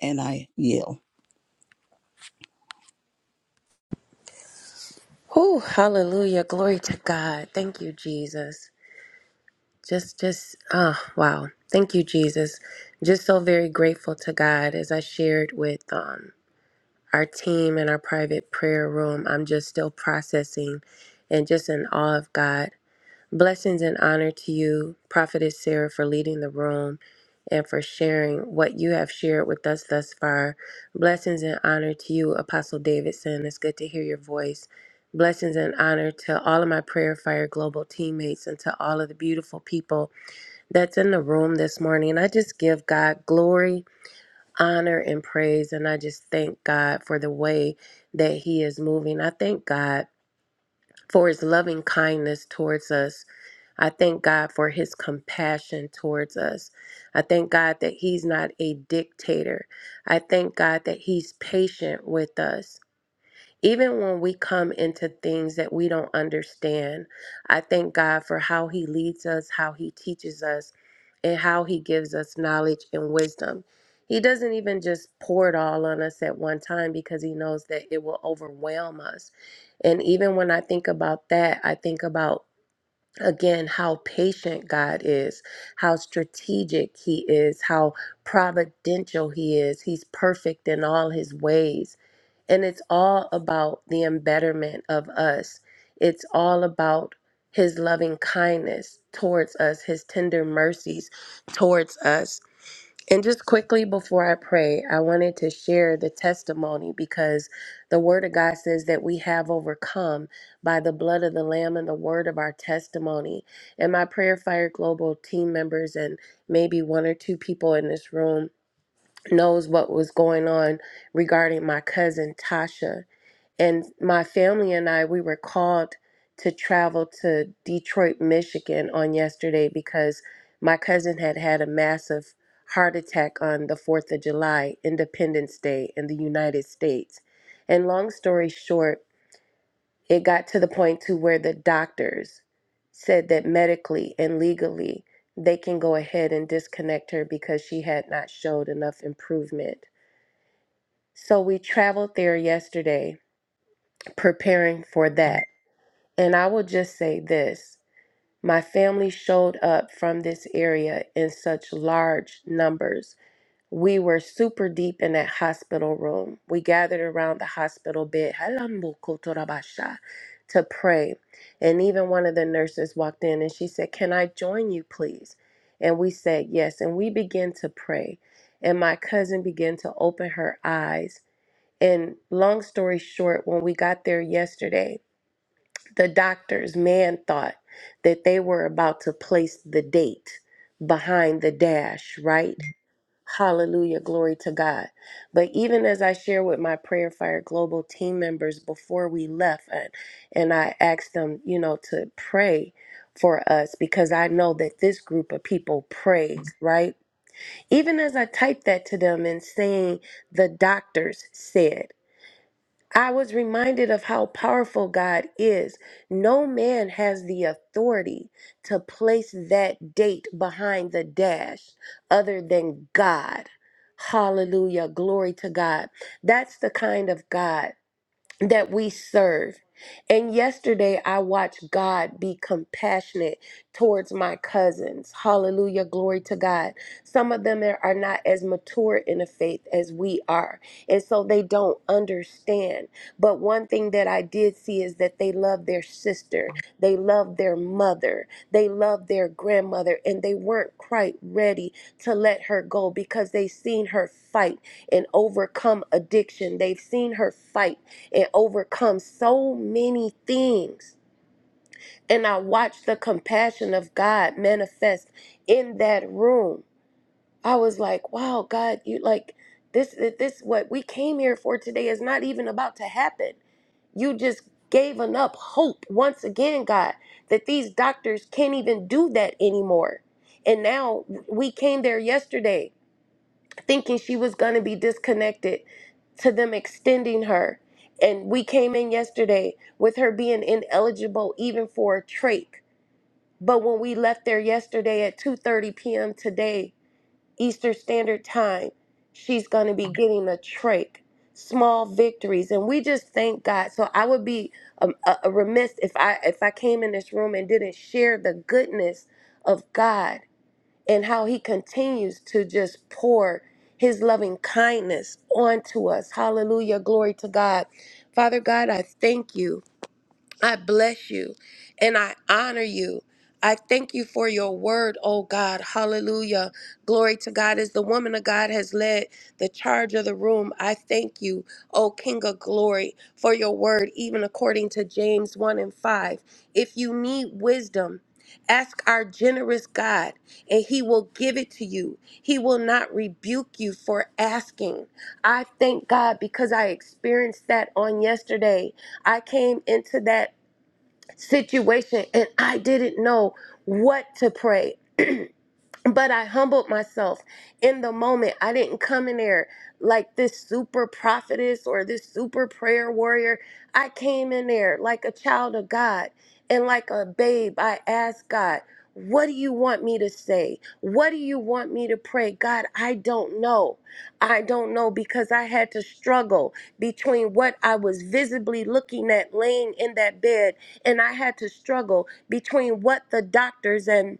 And I yield. Oh, hallelujah. Glory to God. Thank you, Jesus. Just, just, ah, wow. Thank you, Jesus. Just so very grateful to God. As I shared with um, our team in our private prayer room, I'm just still processing and just in awe of God. Blessings and honor to you, Prophetess Sarah, for leading the room and for sharing what you have shared with us thus far. Blessings and honor to you, Apostle Davidson. It's good to hear your voice. Blessings and honor to all of my Prayer Fire Global teammates and to all of the beautiful people that's in the room this morning. I just give God glory, honor, and praise. And I just thank God for the way that He is moving. I thank God for His loving kindness towards us I thank God for his compassion towards us. I thank God that he's not a dictator. I thank God that he's patient with us. Even when we come into things that we don't understand, I thank God for how he leads us, how he teaches us, and how he gives us knowledge and wisdom. He doesn't even just pour it all on us at one time because he knows that it will overwhelm us. And even when I think about that, I think about again how patient God is, how strategic He is, how providential He is. He's perfect in all His ways. And it's all about the embetterment of us, it's all about His loving kindness towards us, His tender mercies towards us. And just quickly before I pray, I wanted to share the testimony because the Word of God says that we have overcome by the blood of the Lamb and the word of our testimony. And my Prayer Fire Global team members and maybe one or two people in this room knows what was going on regarding my cousin Tasha. And my family and I, we were called to travel to Detroit, Michigan on yesterday because my cousin had had a massive heart attack on the 4th of July, Independence Day in the United States. And long story short, it got to the point to where the doctors said that medically and legally they can go ahead and disconnect her because she had not showed enough improvement. So we traveled there yesterday preparing for that. And I will just say this my family showed up from this area in such large numbers. We were super deep in that hospital room. We gathered around the hospital bed Halambukuturabasha, to pray. And even one of the nurses walked in and she said, Can I join you, please? And we said, Yes. And we began to pray. And my cousin began to open her eyes. And long story short, when we got there yesterday, the doctors, man thought that they were about to place the date behind the dash, right? Hallelujah, glory to God. But even as I share with my Prayer Fire Global team members before we left, and, and I asked them, you know, to pray for us because I know that this group of people prays, right? Even as I typed that to them and saying, the doctors said. I was reminded of how powerful God is. No man has the authority to place that date behind the dash other than God. Hallelujah. Glory to God. That's the kind of God that we serve. And yesterday I watched God be compassionate towards my cousins. Hallelujah. Glory to God. Some of them are are not as mature in the faith as we are. And so they don't understand. But one thing that I did see is that they love their sister, they love their mother, they love their grandmother, and they weren't quite ready to let her go because they've seen her fight and overcome addiction. They've seen her fight and overcome so many things. And I watched the compassion of God manifest in that room. I was like, wow, God, you like this, this, what we came here for today is not even about to happen. You just gave up hope once again, God, that these doctors can't even do that anymore. And now we came there yesterday thinking she was going to be disconnected to them extending her. And we came in yesterday with her being ineligible even for a trach. But when we left there yesterday at 2:30 p.m. today, Eastern Standard Time, she's going to be getting a trach. Small victories, and we just thank God. So I would be um, a, a remiss if I if I came in this room and didn't share the goodness of God and how he continues to just pour his loving kindness onto us. Hallelujah. Glory to God. Father God, I thank you. I bless you and I honor you. I thank you for your word, oh God. Hallelujah. Glory to God. As the woman of God has led the charge of the room, I thank you, oh King of glory, for your word, even according to James 1 and 5. If you need wisdom, ask our generous God, and he will give it to you. He will not rebuke you for asking. I thank God because I experienced that on yesterday. I came into that situation and I didn't know what to pray but I humbled myself in the moment. I didn't come in there like this super prophetess or this super prayer warrior. I came in there like a child of God and like a babe. I asked God, What do you want me to say? What do you want me to pray? God, I don't know. I don't know because I had to struggle between what I was visibly looking at laying in that bed, and I had to struggle between what the doctors and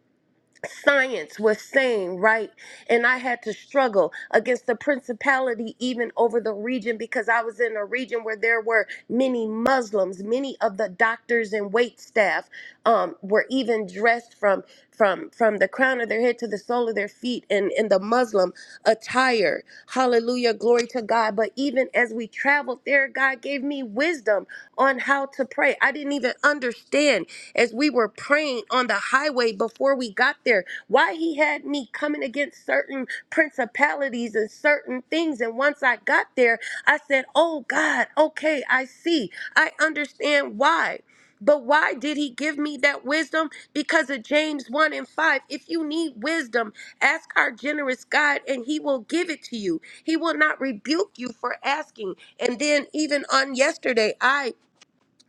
science was saying, right? And I had to struggle against the principality even over the region because I was in a region where there were many Muslims. Many of the doctors and wait staff um, were even dressed from from from the crown of their head to the sole of their feet in, in the Muslim attire. Hallelujah, glory to God. But even as we traveled there, God gave me wisdom on how to pray. I didn't even understand as we were praying on the highway before we got there. Why he had me coming against certain principalities and certain things. And once I got there, I said, Oh God, okay, I see. I understand why. But why did he give me that wisdom? Because of James 1 and 5. If you need wisdom, ask our generous God and he will give it to you. He will not rebuke you for asking. And then, even on yesterday, I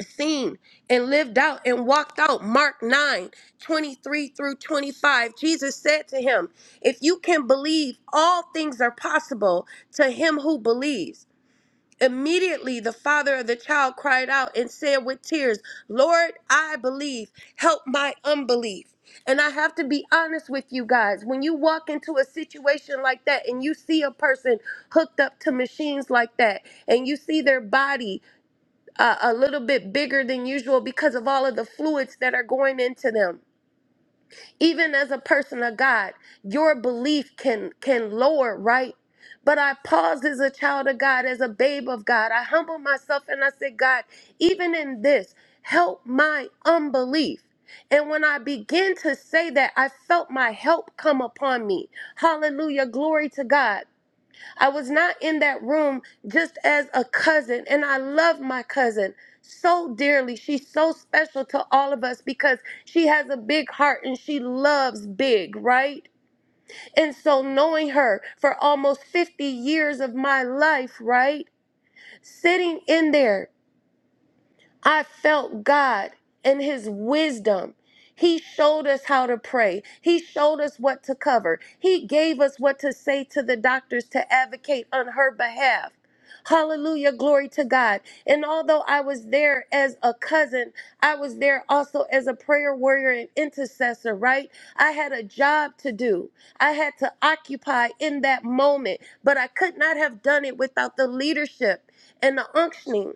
seen and lived out and walked out. Mark 9 23 through 25. Jesus said to him, If you can believe, all things are possible to him who believes. Immediately, the father of the child cried out and said with tears, Lord, I believe, help my unbelief. And I have to be honest with you guys. When you walk into a situation like that and you see a person hooked up to machines like that and you see their body uh, a little bit bigger than usual because of all of the fluids that are going into them. Even as a person of God, your belief can can lower, right? But I paused as a child of God, as a babe of God. I humbled myself and I said, God, even in this, help my unbelief. And when I began to say that, I felt my help come upon me. Hallelujah. Glory to God. I was not in that room just as a cousin, and I love my cousin so dearly. She's so special to all of us because she has a big heart and she loves big, right? And so, knowing her for almost 50 years of my life, right? Sitting in there I felt God and His wisdom. He showed us how to pray. He showed us what to cover. He gave us what to say to the doctors to advocate on her behalf. Hallelujah, glory to God. And although I was there as a cousin, I was there also as a prayer warrior and intercessor, right? I had a job to do. I had to occupy in that moment, but I could not have done it without the leadership and the unctioning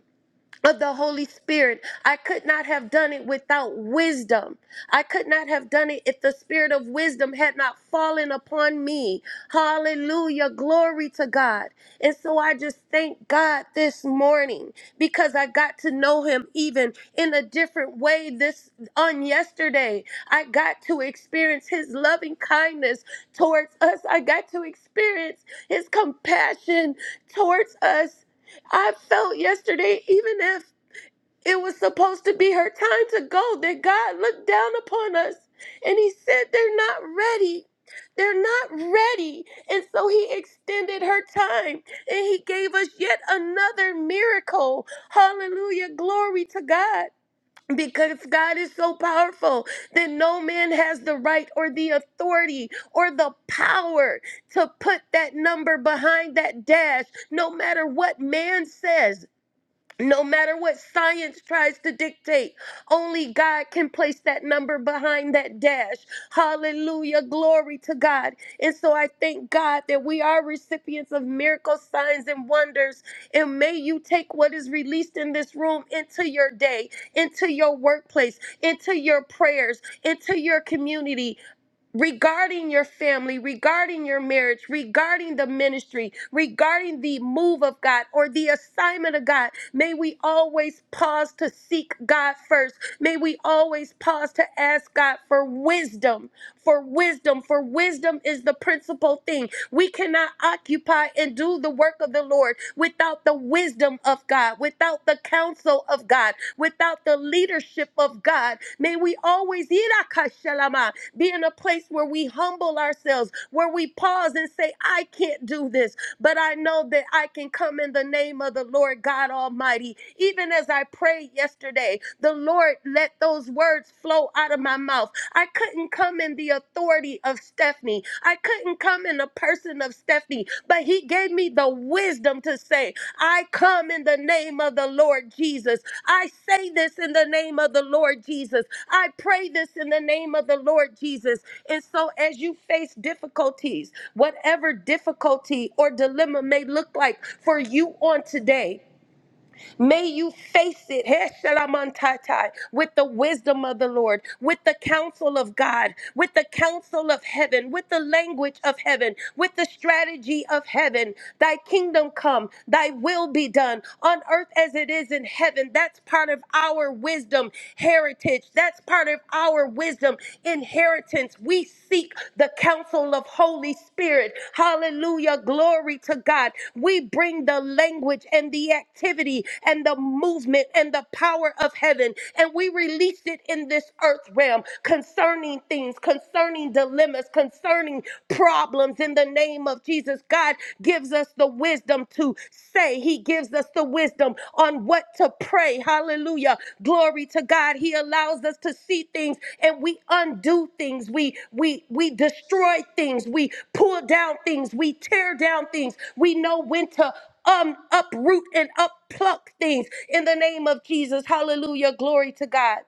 of the Holy Spirit. I could not have done it without wisdom. I could not have done it if the spirit of wisdom had not fallen upon me. Hallelujah. Glory to God. And so I just thank God this morning because I got to know him even in a different way this on yesterday. I got to experience his loving kindness towards us. I got to experience his compassion towards us. I felt yesterday, even if it was supposed to be her time to go that God looked down upon us and he said, They're not ready. They're not ready. And so he extended her time and he gave us yet another miracle. Hallelujah. Glory to God. Because God is so powerful that no man has the right or the authority or the power to put that number behind that dash, no matter what man says no matter what science tries to dictate, only God can place that number behind that dash. Hallelujah. Glory to God. And so I thank God that we are recipients of miracles, signs, and wonders. And may you take what is released in this room into your day, into your workplace, into your prayers, into your community regarding your family, regarding your marriage, regarding the ministry, regarding the move of God or the assignment of God. May we always pause to seek God first. May we always pause to ask God for wisdom, for wisdom, for wisdom is the principal thing. We cannot occupy and do the work of the Lord without the wisdom of God, without the counsel of God, without the leadership of God. May we always be in a place where we humble ourselves, where we pause and say, I can't do this, but I know that I can come in the name of the Lord God Almighty. Even as I prayed yesterday, the Lord let those words flow out of my mouth. I couldn't come in the authority of Stephanie, I couldn't come in the person of Stephanie, but He gave me the wisdom to say, I come in the name of the Lord Jesus. I say this in the name of the Lord Jesus. I pray this in the name of the Lord Jesus. And so, as you face difficulties, whatever difficulty or dilemma may look like for you on today, May you face it heh, shalamantatai, with the wisdom of the Lord, with the counsel of God, with the counsel of heaven, with the language of heaven, with the strategy of heaven. Thy kingdom come, thy will be done on earth as it is in heaven. That's part of our wisdom heritage. That's part of our wisdom inheritance inheritance. We seek the counsel of Holy Spirit. Hallelujah. Glory to God. We bring the language and the activity and the movement and the power of heaven and we release it in this earth realm concerning things, concerning dilemmas, concerning problems in the name of Jesus. God gives us the wisdom wisdom to say. He gives us the wisdom on what to pray. Hallelujah. Glory to God. He allows us to see things and we undo things. We we we destroy things. We pull down things. We tear down things. We know when to um uproot and uppluck things in the name of Jesus. Hallelujah. Glory to God.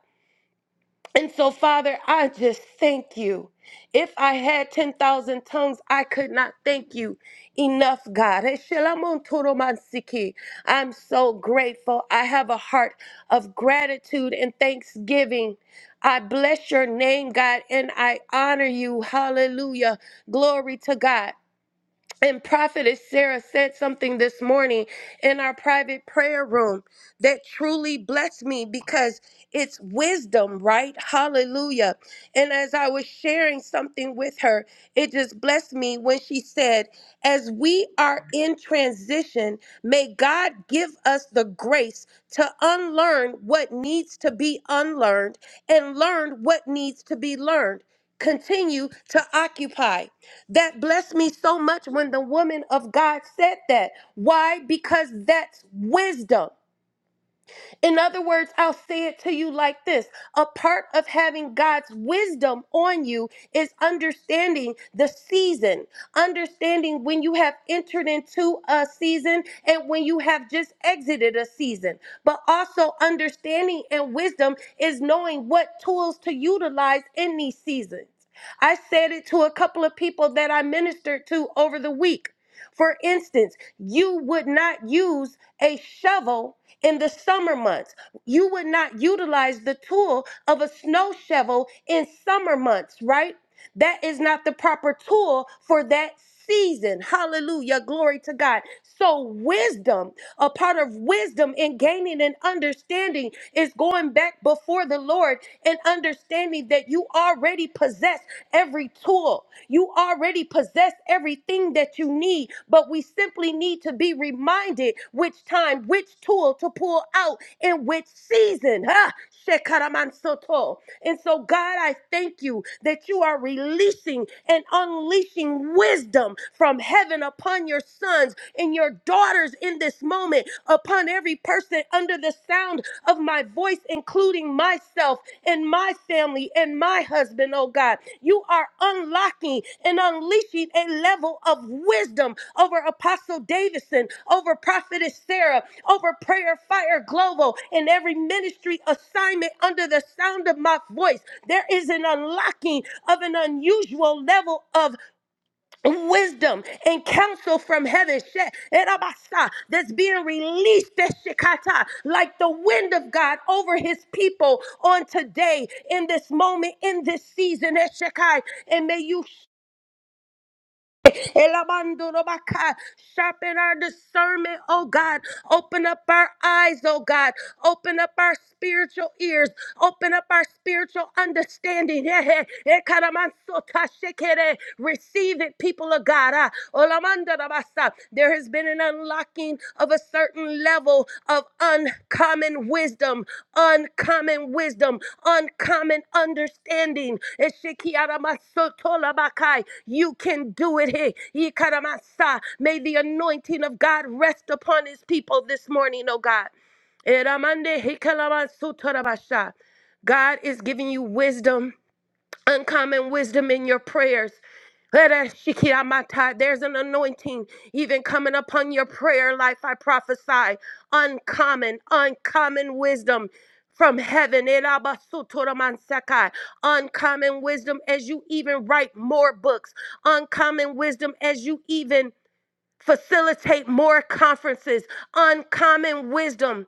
And so, Father, I just thank you. If I had 10,000 tongues, I could not thank you enough, God. Eshelamontoromansiki. I'm so grateful. I have a heart of gratitude and thanksgiving. I bless your name, God, and I honor you. Hallelujah. Glory to God. And Prophetess Sarah said something this morning in our private prayer room that truly blessed me because it's wisdom, right? Hallelujah. And as I was sharing something with her, it just blessed me when she said, As we are in transition, may God give us the grace to unlearn what needs to be unlearned and learn what needs to be learned. Continue to occupy. That blessed me so much when the woman of God said that. Why? Because that's wisdom. In other words, I'll say it to you like this a part of having God's wisdom on you is understanding the season, understanding when you have entered into a season and when you have just exited a season. But also, understanding and wisdom is knowing what tools to utilize in these seasons. I said it to a couple of people that I ministered to over the week. For instance, you would not use a shovel in the summer months. You would not utilize the tool of a snow shovel in summer months, right? That is not the proper tool for that season. Hallelujah. Glory to God. So, wisdom, a part of wisdom in gaining and understanding is going back before the Lord and understanding that you already already possess every tool. You already possess everything that you need, but we simply need to be reminded which time, which tool to pull out in which season. Ah, shekaramansoto. And so, God, I thank you that you are releasing and unleashing wisdom from heaven upon your sons and your daughters in this moment, upon every every person under the sound of my voice, including myself and my family and my husband, oh God. You are unlocking and unleashing a level of wisdom over Apostle Davidson, over Prophetess Sarah, over Prayer Fire Global, and every ministry assignment under the sound of my voice. There is an unlocking of an unusual level of wisdom and counsel from heaven she- erabasa, that's being released that shikata, like the wind of God over his people on today in this moment in this season that shekai and may you Elamandoro Sharpen our discernment, oh God. Open up our eyes, oh God. Open up our spiritual ears. Open up our spiritual understanding. Ekaramansota shekere. Receive it, people of God. Ah, Olamandoro There has been an unlocking of a certain level of uncommon wisdom, uncommon wisdom, uncommon understanding. Eshikiaramassotolabakai. You can do it. Hey, Ikaramasa. May the anointing of God rest upon his people this morning, oh God. Eramande hikalamansotorabasha. God is giving you wisdom uncommon wisdom in your prayers. There's an anointing even coming upon your prayer life. I prophesy uncommon, uncommon wisdom from heaven. Uncommon wisdom as you even write more books, uncommon wisdom as you even facilitate more conferences, uncommon wisdom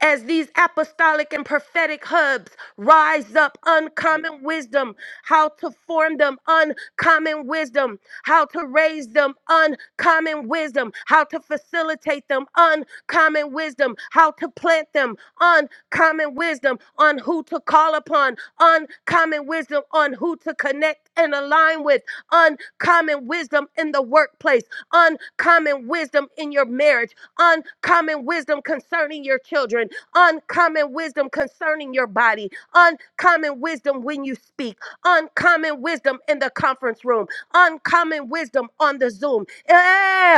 as these apostolic and prophetic hubs rise up uncommon wisdom how to form them uncommon wisdom how to raise them uncommon wisdom how to facilitate them uncommon wisdom how to plant them uncommon wisdom on who to call upon uncommon wisdom on who to connect and align with uncommon wisdom in the workplace uncommon wisdom in your marriage uncommon wisdom concerning your children uncommon wisdom concerning your body, uncommon wisdom when you speak uncommon wisdom in the conference room, uncommon wisdom on the Zoom. Eh,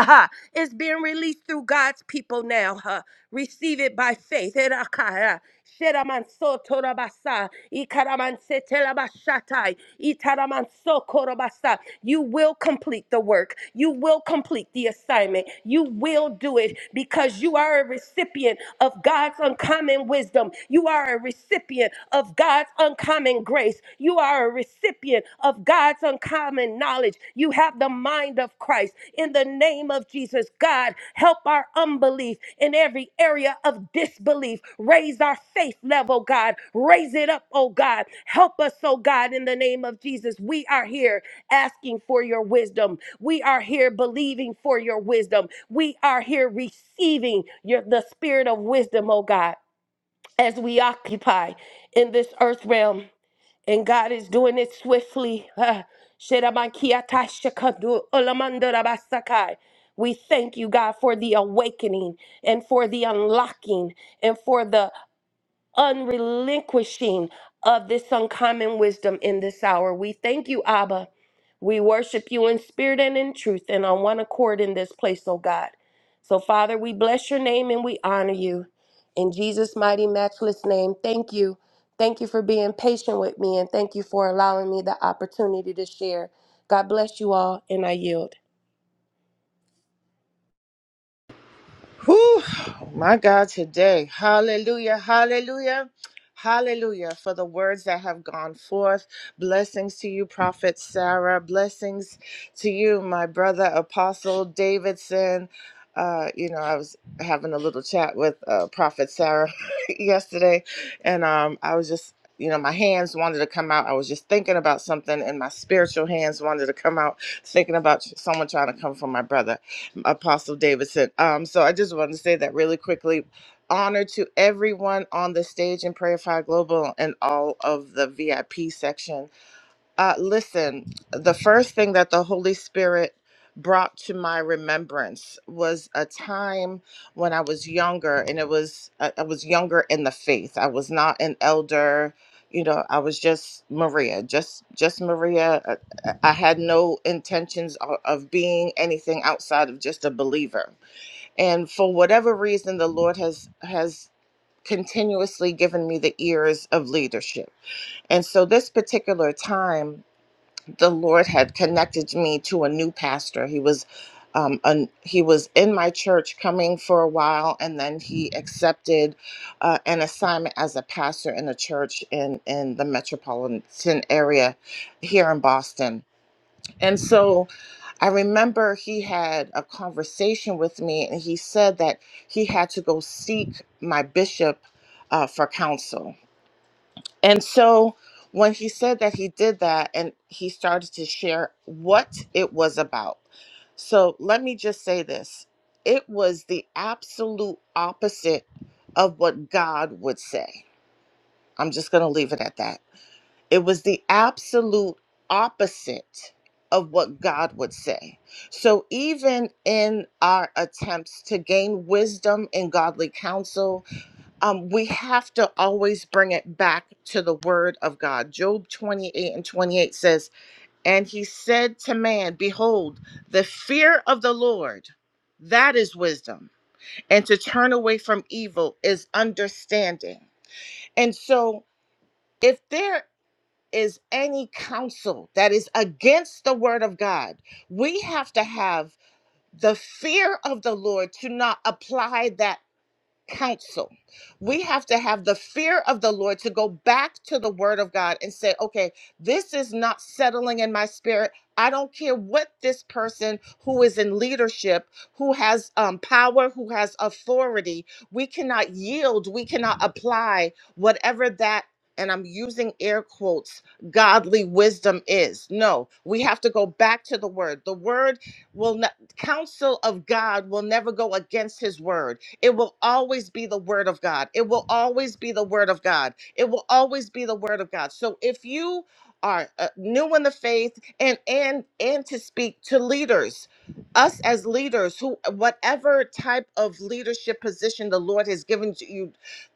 huh. It's being released through God's people now. huh. Receive it by faith. Eh, rah, kah, rah. Sheramanso torabasa, ikaramanse telabashatai, itaramanso korobasa. You will complete the work. You will complete the assignment. You will do it because you are a recipient of God's uncommon wisdom. You are a recipient of God's uncommon grace. You are a recipient of God's uncommon knowledge. You have the mind of Christ. In the name of Jesus, God, help our unbelief in every area of disbelief. Raise our faith level, God. Raise it up, oh God. Help us, oh God, in the name of Jesus. We are here asking for your wisdom. We are here believing for your wisdom. We are here receiving your, the spirit of wisdom, oh God as we occupy in this earth realm. And God is doing it swiftly. Ah, Sherabakiatashakadu olamandorabasakai. We thank you, God, for the awakening and for the unlocking and for the unrelinquishing of this uncommon wisdom in this hour. We thank you, Abba. We worship you in spirit and in truth and on one accord in this place, oh God. So, Father, we bless your name and we honor you. In Jesus' mighty, matchless name, thank you. Thank you for being patient with me and thank you for allowing me the opportunity to share. God bless you all and I yield. Whew, my God, today. Hallelujah, hallelujah, hallelujah for the words that have gone forth. Blessings to you, Prophet Sarah. Blessings to you, my brother, Apostle Davidson. Uh, you know, I was having a little chat with uh, Prophet Sarah yesterday, and um, I was just, you know, my hands wanted to come out. I was just thinking about something, and my spiritual hands wanted to come out, thinking about someone trying to come for my brother. Apostle Davidson. Um, so I just wanted to say that really quickly. Honor to everyone on the stage in Prayer Fire Global and all of the VIP section. Uh, listen, the first thing that the Holy Spirit brought to my remembrance was a time when I was younger, and it was I I was younger in the faith. I was not an elder, you know. I was just Maria, just just Maria. I, I I had no intentions o- of being anything outside of just a believer. And for whatever reason, the Lord has has continuously given me the ears of leadership. And so this particular time the Lord had connected me to a new pastor. He was um, an, he was in my church coming for a while, and then he accepted uh, an assignment as a pastor in a church in in the metropolitan area here in Boston. And so I remember he had a conversation with me, and he said that he had to go seek my bishop uh, for counsel and so when he said that he did that and he started to share what it was about. So let me just say this it was the absolute opposite of what God would say. I'm just going to leave it at that. It was the absolute opposite of what God would say. So even in our attempts to gain wisdom and godly counsel, um, we have to always bring it back to the word of God. Job 28 and 28 says, And he said to man, Behold, the fear of the Lord, that is wisdom, and to turn away from evil is understanding. And so, if there is any counsel that is against the word of God, we have to have the fear of the Lord to not apply that counsel. We have to have the fear of the Lord to go back to the word of God and say, okay, this is not settling in my spirit. I don't care what this person who is in leadership, who has um, power, who has authority, we cannot yield, we cannot apply whatever that, and I'm using air quotes, godly wisdom is. No, we have to go back to the word. The word will not, counsel of God will never go against his word it will always be the word of God. It will always be the word of God. It will always be the word of God. So if you are uh, new in the faith and and and to speak to leaders us as leaders who whatever type of leadership position the lord has given to you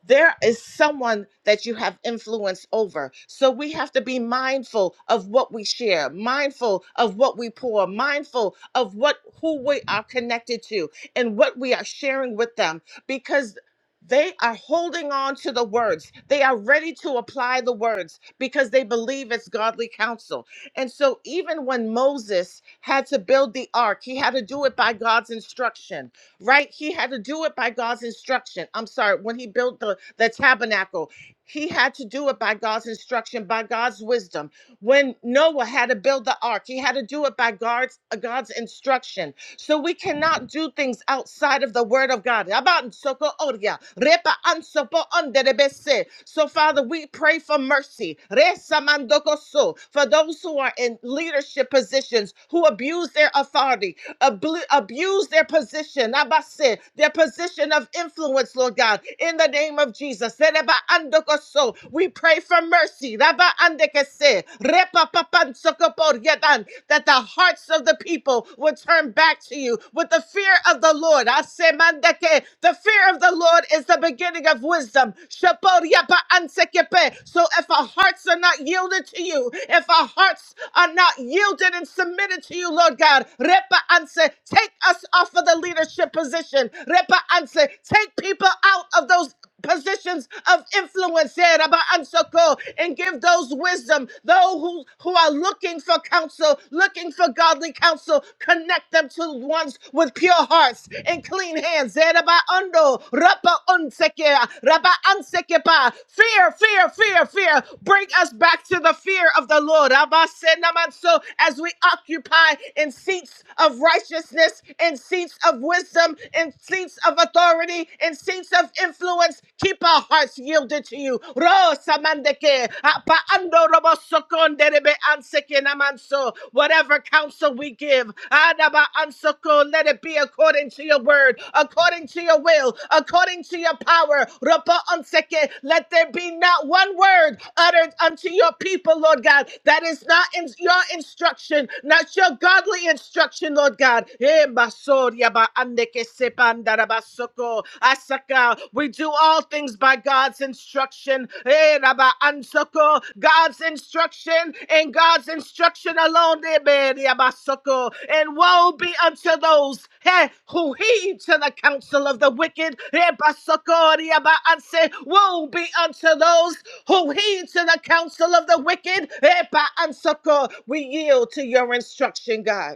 there is someone that you have influence over. So we have to be mindful of what we share, mindful of what we pour, mindful of what who we are connected to and what we are sharing with them because they are holding on to the words. They are ready to apply the words because they believe it's godly counsel. And so, even when Moses had to build the ark, he had to do it by God's instruction, right? He had to do it by God's instruction. I'm sorry, when he built the, the tabernacle, he had to do it by God's instruction, by God's wisdom. When Noah had to build the ark, he had to do it by God's, God's instruction so we cannot do things outside of the word of God. Aban soko oria, repa ansopo onderebese. So, Father, we pray for mercy Resa mandoko so. for those who are in leadership positions who abuse their authority abl- abuse their position, abase, their position of influence, Lord God, in the name of Jesus. Sereba andokoso. We pray for mercy, Raba andekese, repa papansokopor yedan, that the hearts of the people would turn back to you with the fear of the Lord. Asemandeke. The fear of the Lord is the beginning of wisdom. Shapor yepa ansekepe. So if our hearts are not yielded to you, if our hearts are not yielded and submitted to you, Lord God. repa Anse, take us off of the leadership position. Repa Anse, take people out of those positions of influence here, Rabba Ansoko, and give those wisdom. Those who, who are looking for counsel, looking for godly counsel, connect them to ones with pure hearts and clean hands. Eh, Rabba Ando, Rabba Unseke, Rabba Ansekepa. Fear, fear, fear, fear. Bring us back to the fear of the Lord. Rabba Senamanso, as we occupy in seats seats of righteousness, in seats of wisdom, in seats of authority, in seats of influence. Keep our hearts yielded to you. Rosa mandeke, apa ando robo sokon derebe anseke namanso. Whatever counsel we give, adaba ansoko, let it be according to your word, according to your will, according to your power. Ropo anseke, Let there be not one word uttered unto your people, Lord God, that is not in your instruction, not your godly instruction destruction, Lord God. Eh, masoria ba ande que sepan darabasoko. Asaka, We do all things by God's instruction. Eh, raba ansoko. God's instruction and God's instruction alone. Eh, be riabasoko. And woe be unto those eh, who heed to the counsel of the wicked. Eh, basoko, riaba anse. Woe be unto those who heed to the counsel of the wicked. Eh, ba ansoko. We yield to your instruction, God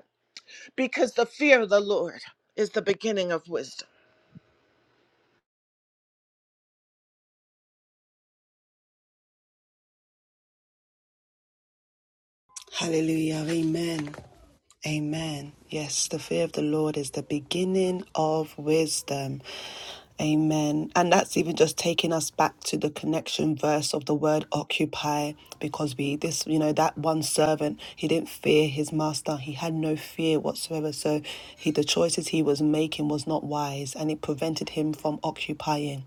because the fear of the Lord is the beginning of wisdom. Hallelujah. Amen. Amen. Yes, the fear of the Lord is the beginning of wisdom. Amen. And that's even just taking us back to the connection verse of the word occupy because we this you know that one servant he didn't fear his master. He had no fear whatsoever. So he the choices he was making was not wise and it prevented him from occupying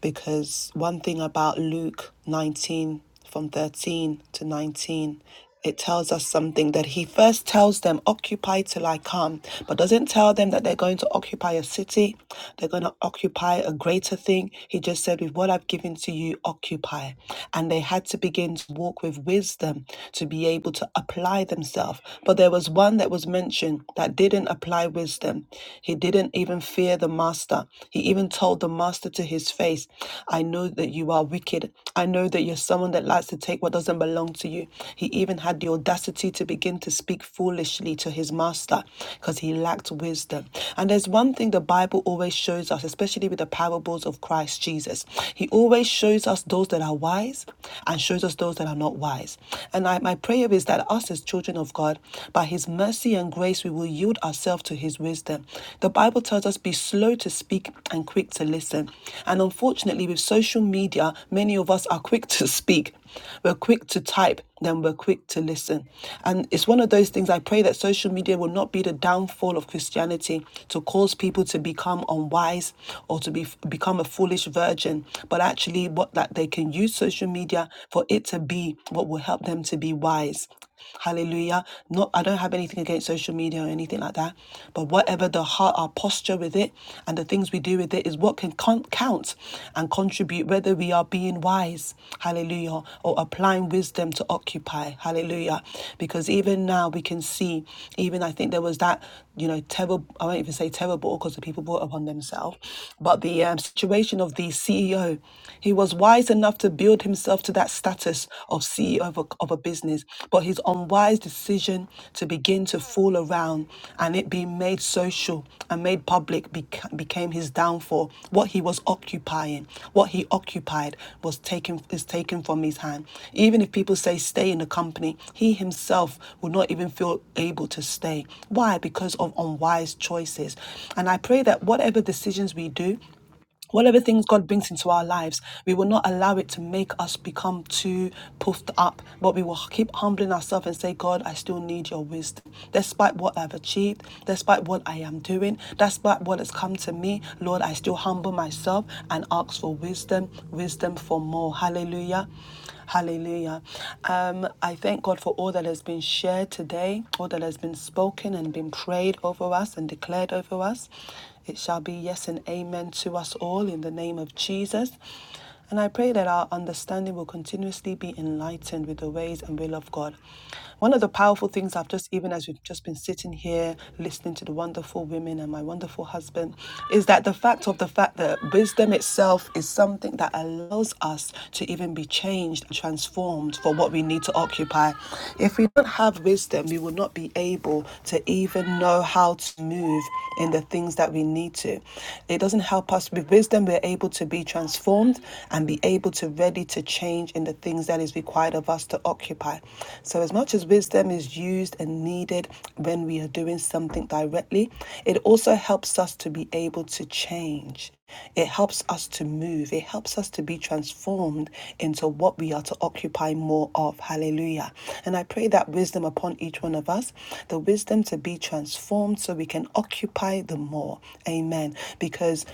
because one thing about Luke 19 from 13 to 19 it tells us something that he first tells them occupy till I come but doesn't tell them that they're going to occupy a city they're going to occupy a greater thing he just said with what I've given to you occupy and they had to begin to walk with wisdom to be able to apply themselves but there was one that was mentioned that didn't apply wisdom he didn't even even fear the master. He even told the master to his face, I know that you are wicked. I know that you're someone that likes to take what doesn't belong to you. He even had the audacity to begin to speak foolishly to his master because he lacked wisdom. And there's one thing the Bible always shows us, especially with the parables of Christ Jesus. He always shows us those that are wise and shows us those that are not wise. And I, my prayer is that us as children of God, by his mercy, and and grace, we will yield ourselves to His wisdom. The Bible tells us, be slow to speak and quick to listen. And unfortunately, with social media, many of us are quick to speak. We're quick to type, then we're quick to listen. And it's one of those things I pray that social media will not be the downfall of Christianity to cause people to become unwise or to be, become a foolish virgin, but actually, what that they can use social media for it to be what will help them to be wise. Hallelujah. Not I don't have anything against social media or anything like that. But whatever the heart, our posture with it and the things we do with it is what can con- count and contribute whether we are being wise, hallelujah, or applying wisdom to occupy, hallelujah. Because even now we can see, even I think there was that, you know, terrible, I won't even say terrible because the people brought upon themselves, but the um, situation of the CEO, he was wise enough to build build himself to that status of CEO of a, of a business, but his unwise decision to begin to fool around and it being made social and made public beca- became his downfall. What he was occupying, what he occupied, was taken is taken from his hand. Even if people say stay in the company, he himself would not even feel able to stay. Why? Because of unwise choices. And I pray that whatever decisions we do, whatever things God brings into our lives, we will not allow it to make us become too puffed up, but we will keep humbling ourselves and say, God, I still need your wisdom. Despite what I've achieved, despite what I am doing, despite what has come to me, Lord, I still humble myself and ask for wisdom, wisdom for more. Hallelujah. Hallelujah. Um, I thank God for all that has been shared today, all that has been spoken and been prayed over us and declared over us. It shall be yes and amen to us all in the name of Jesus. And I pray that our understanding will continuously be enlightened with the ways and will of God. One of the powerful things I've just, even as we've just been sitting here listening to the wonderful women and my wonderful husband, is that the fact of the fact that wisdom itself is something that allows us to even to even be changed and transformed for what we need to occupy. If we don't have wisdom, we will not be able to even know how to move in the things that we need to. It doesn't help us with wisdom, we're able to be transformed and be able to ready to change in the things that is required of us to occupy. So as much as wisdom is used and needed, needed when we are doing something directly. It also helps us to be able to change. It helps us to move. It helps us to be transformed into what we are to occupy more of. Hallelujah. And I pray that wisdom upon each one of us, the wisdom to be transformed so we can occupy the more. Amen. Because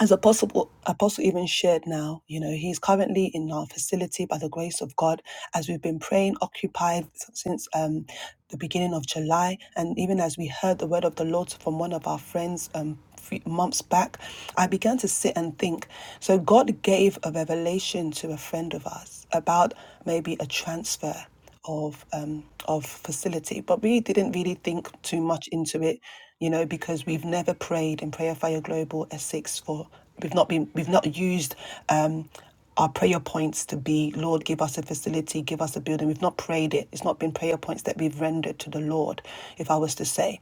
as Apostle, Apostle even shared now, you know, he's currently in our facility by the grace of God as we've been praying, occupied since um, the beginning of July. And even as we heard the word of the Lord from one of our friends um, few months back, I began to sit and think. So God gave a revelation to a friend of us about maybe a transfer of um, of facility. But we didn't really think too much into it, you know, because we've never prayed in Prayer Fire Global Essex for we've not been we've not used um, our prayer points to be Lord, give us a facility, give us a building. We've not prayed it. It's not been prayer points that we've rendered to the Lord, if I was to say.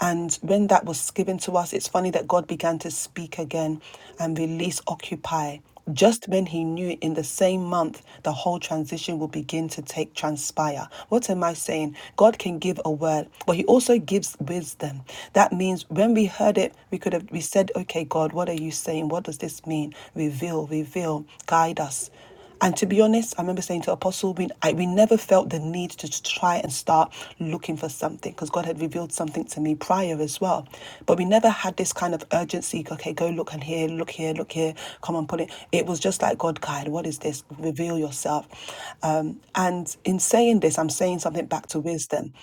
And when that was given to us, it's funny that God began to speak again and release Occupy. Just when he knew in the same month the whole transition will begin to take transpire. What am I saying? God can give a word, but he also gives wisdom. That means when we heard it, we could have we said, Okay, God, what are you saying? What does this mean? Reveal, reveal, guide us. And to be honest, I remember saying to Apostle, we, I, we never felt the need to try and start looking for something because God had revealed something to me prior as well. But we never had this kind of urgency, okay, go look and here, look here, look here, come on, put it. It was just like, God, guide, what is this? Reveal yourself. Um, and in saying this, I'm saying something back to wisdom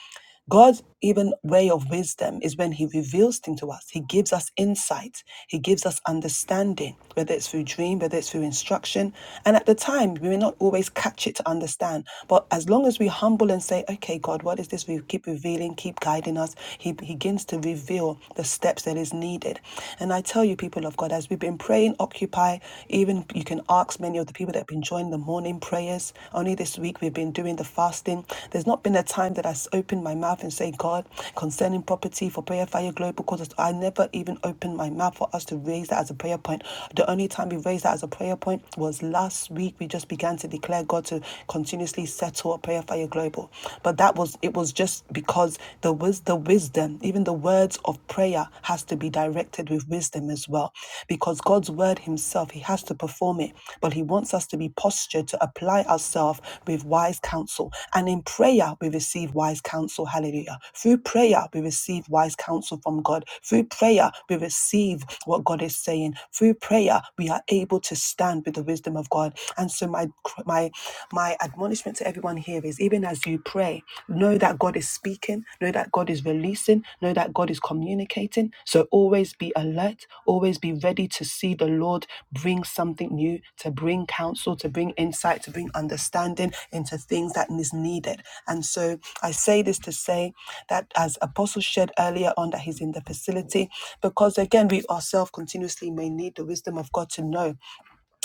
God's even way of wisdom is when He reveals things to us. He gives us insight. He gives us understanding, whether it's through dream, whether it's through instruction. And at the time, we may not always catch it to understand. But as long as we humble and say, okay, God, what is this? We keep revealing, keep guiding us. He begins to reveal the steps that is needed. And I tell you, people of God, as we've been praying, occupy, even you can asked many of the people that have been joining the morning prayers. Only this week we've been doing the fasting. There's not been a time that that I s- opened my mouth and say, God, concerning property for prayer fire global because I never even opened my mouth for us to raise that as a prayer point. The only time we raised that as a prayer point was last week. We just began to declare God to continuously settle up prayer fire global. But that was it was just because the wis the wisdom, even even the words of prayer has to be directed with wisdom as well because God's word himself he has to perform it but he wants us to be postured to apply ourselves with wise counsel and in prayer we receive wise counsel hallelujah through prayer we receive wise counsel from God through prayer we receive what God is saying through prayer we are able to stand with the wisdom of God and so my my my admonishment to everyone here is even as you pray Know that God is speaking, know that God is releasing, know that God is communicating. So always be alert, always be ready to see the Lord bring something new, to bring counsel, to bring insight, to bring understanding into things that is needed. And so I say this to say that as Apostle shared earlier on that he's in the facility, because again, we ourselves continuously may need the wisdom of God to know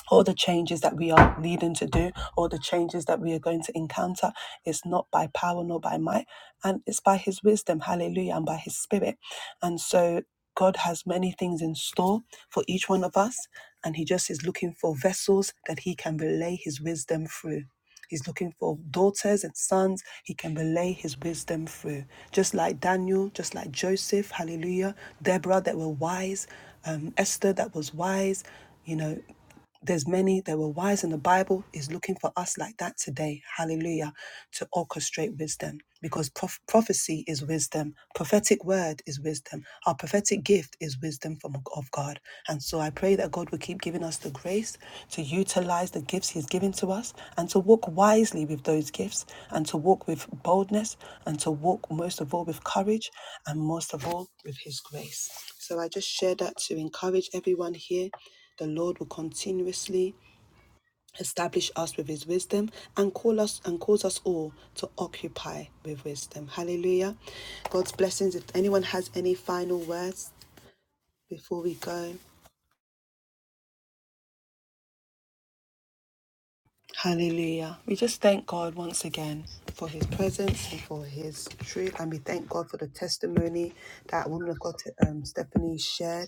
all the changes that we are needing to do, all the changes that we are going to encounter, it's not by power nor by might, and it's by His wisdom, hallelujah, and by His Spirit. And so God has many things in store for each one of us, and He just is looking for vessels that He can relay His wisdom through. He's looking for daughters and sons he can relay his wisdom through. Just like Daniel, just like Joseph, hallelujah, Deborah that were wise, um, Esther that was wise, you know, there's many that were wise in the Bible is looking for us like that today. Hallelujah. To orchestrate wisdom because prof- prophecy is wisdom. Prophetic word is wisdom. Our prophetic gift is wisdom from of God. And so I pray that God will keep giving us the grace to utilize the gifts he's given to us and to walk wisely with those gifts and to walk with boldness and to walk most of all with courage and most of all with his grace. So I just share that to encourage everyone here the Lord will continuously establish us with his wisdom and call us and cause us all to occupy with wisdom. Hallelujah. God's blessings. If anyone has any final words before we go, hallelujah. We just thank God once again for his presence and for his truth. And we thank God for the testimony that woman of God um, Stephanie shared.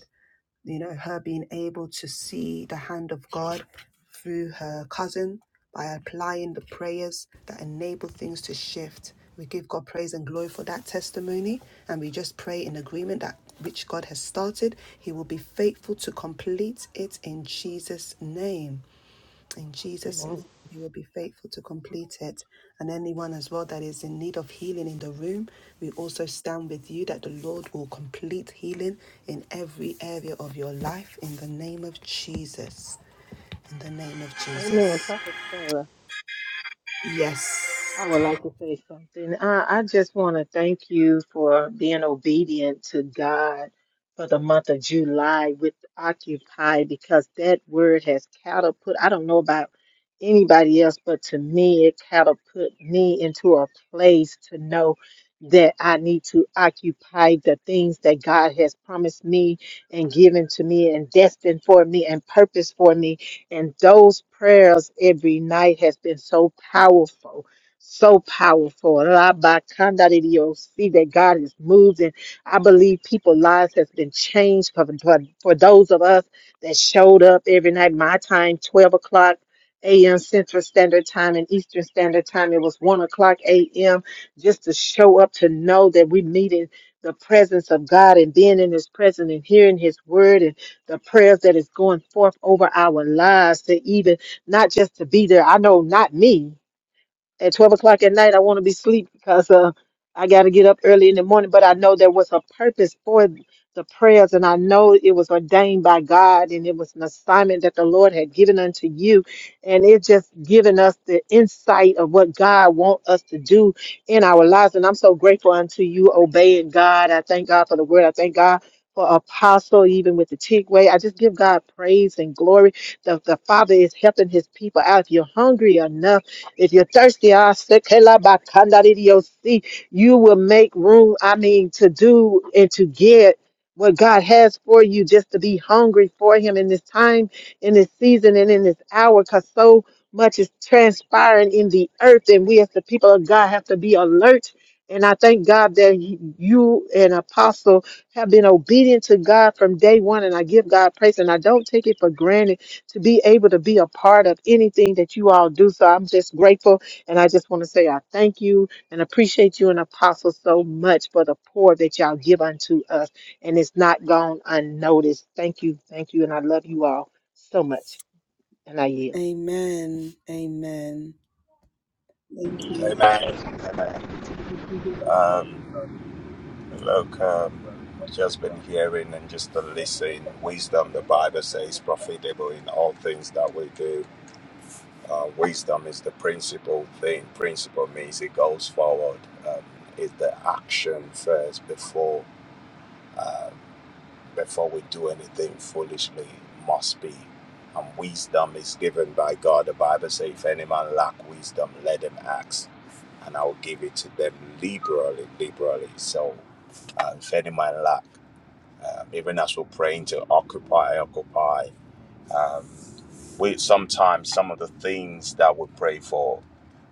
you know, her being able to see the hand of God through her cousin by applying the prayers that enable things to shift. We give God praise and glory for that testimony, and we just pray in agreement that which God has started, He will be faithful to complete it in Jesus' name. In Jesus' Amen. name, you will be faithful to complete it. And anyone as well that is in need of healing in the room, we also stand with you that the Lord will complete healing in every area of your life in the name of Jesus. In the name of Amen. Jesus. Prophet Sarah. Yes. I would like to say something. I, I just want to thank you for being obedient to God for the month of July with Occupy because that word has catapult. I don't know about anybody else, but to me, it catapult me into a place to know that I need to occupy the things that God has promised me and given to me and destined for me and purpose for me. And those prayers every night has been so powerful so powerful. Rabakandadidio. See that God is moved, and I believe people's lives has been changed for, for, for those of us that showed up every night. My time, 12 o'clock a.m. Central Standard Time and Eastern Standard Time. It was 1 o'clock a.m. just to show up to know that we needed the presence of God and being in His presence and hearing His word and the prayers that is going forth over our lives to even not just to be there. I know not me at 12 o'clock at night, I want to be asleep because uh, I got to get up early in the morning. But I know there was a purpose for the prayers, and I know it was ordained by God, and it was an assignment that the Lord had given unto you. And it just given us the insight of what God wants us to do in our lives. And I'm so grateful unto you obeying God. I thank God for the word. I thank God. For apostle, even with the tick way, I just give God praise and glory. The, the Father is helping his people out. If you're hungry enough, if you're thirsty, ah, sekela bakanda di dio si, you will make room, I mean, to do and to get what God has for you, just to be hungry for Him in this time, in this season, and in this hour, because so much is transpiring in the earth, and we as the people of God have to be alert. And I thank God that you and Apostle have been obedient to God from day one, and I give God praise, and I don't take it for granted to be able to be a part of anything that you all do. So I'm just grateful. And I just want to say I thank you and appreciate you and Apostle so much for the pour that y'all give unto us. And it's not gone unnoticed. Thank you. Thank you. And I love you all so much. And I yield. Amen. Amen. Amen. Amen. Um, Look, um, I've just been hearing and just to listen. Wisdom, the Bible says, profitable in all things that we do. Uh, wisdom is the principal thing. Principle means it goes forward. Um, it's the action first before um, before we do anything foolishly must be. And wisdom is given by God. The Bible says, if any man lack wisdom, let him ask, and I will give it to them liberally. Liberally. So, uh, if any man lack even as we're praying to occupy, occupy, um, we sometimes some of the things that we pray for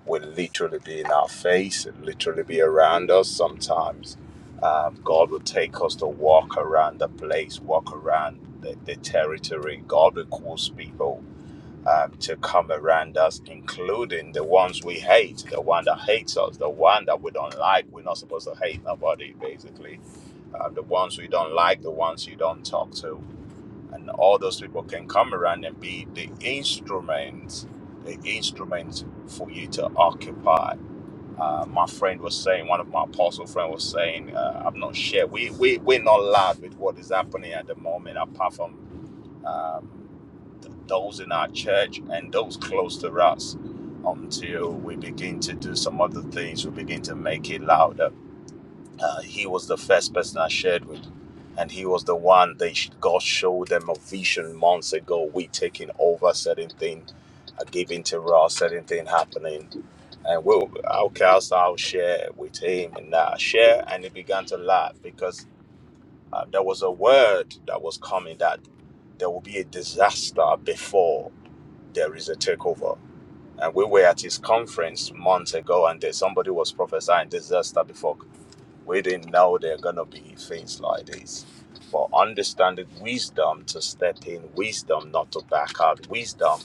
will literally be in our face, literally be around us. Sometimes um, God will take us to walk around the place, walk around the, the territory. God will cause people um, to come around us, including the ones we hate, the one that hates us, the one that we don't like. We're not supposed to hate nobody, basically. Um, the ones we don't like, the ones you don't talk to and all those people can come around and be the instruments, the instruments for you to occupy. Uh, my friend was saying, one of my apostle friend was saying, uh, I'm not sure. We we we're not loud with what is happening at the moment, apart from um, th- those in our church and those close to us. Until we begin to do some other things, we begin to make it louder uh, he was the first person I shared with, and he was the one they sh- God showed them a vision months ago. We taking over certain thing, uh, giving to Raw, certain thing happening, and we'll okay, I'll, I'll share with him and uh, share, and he began to laugh because uh, there was a word that was coming that there will be a disaster before there is a takeover. And we were at his conference months ago, and there, somebody was prophesying disaster before we didn't know there are going to be things like this. But understanding wisdom to step in, wisdom not to back out, wisdom.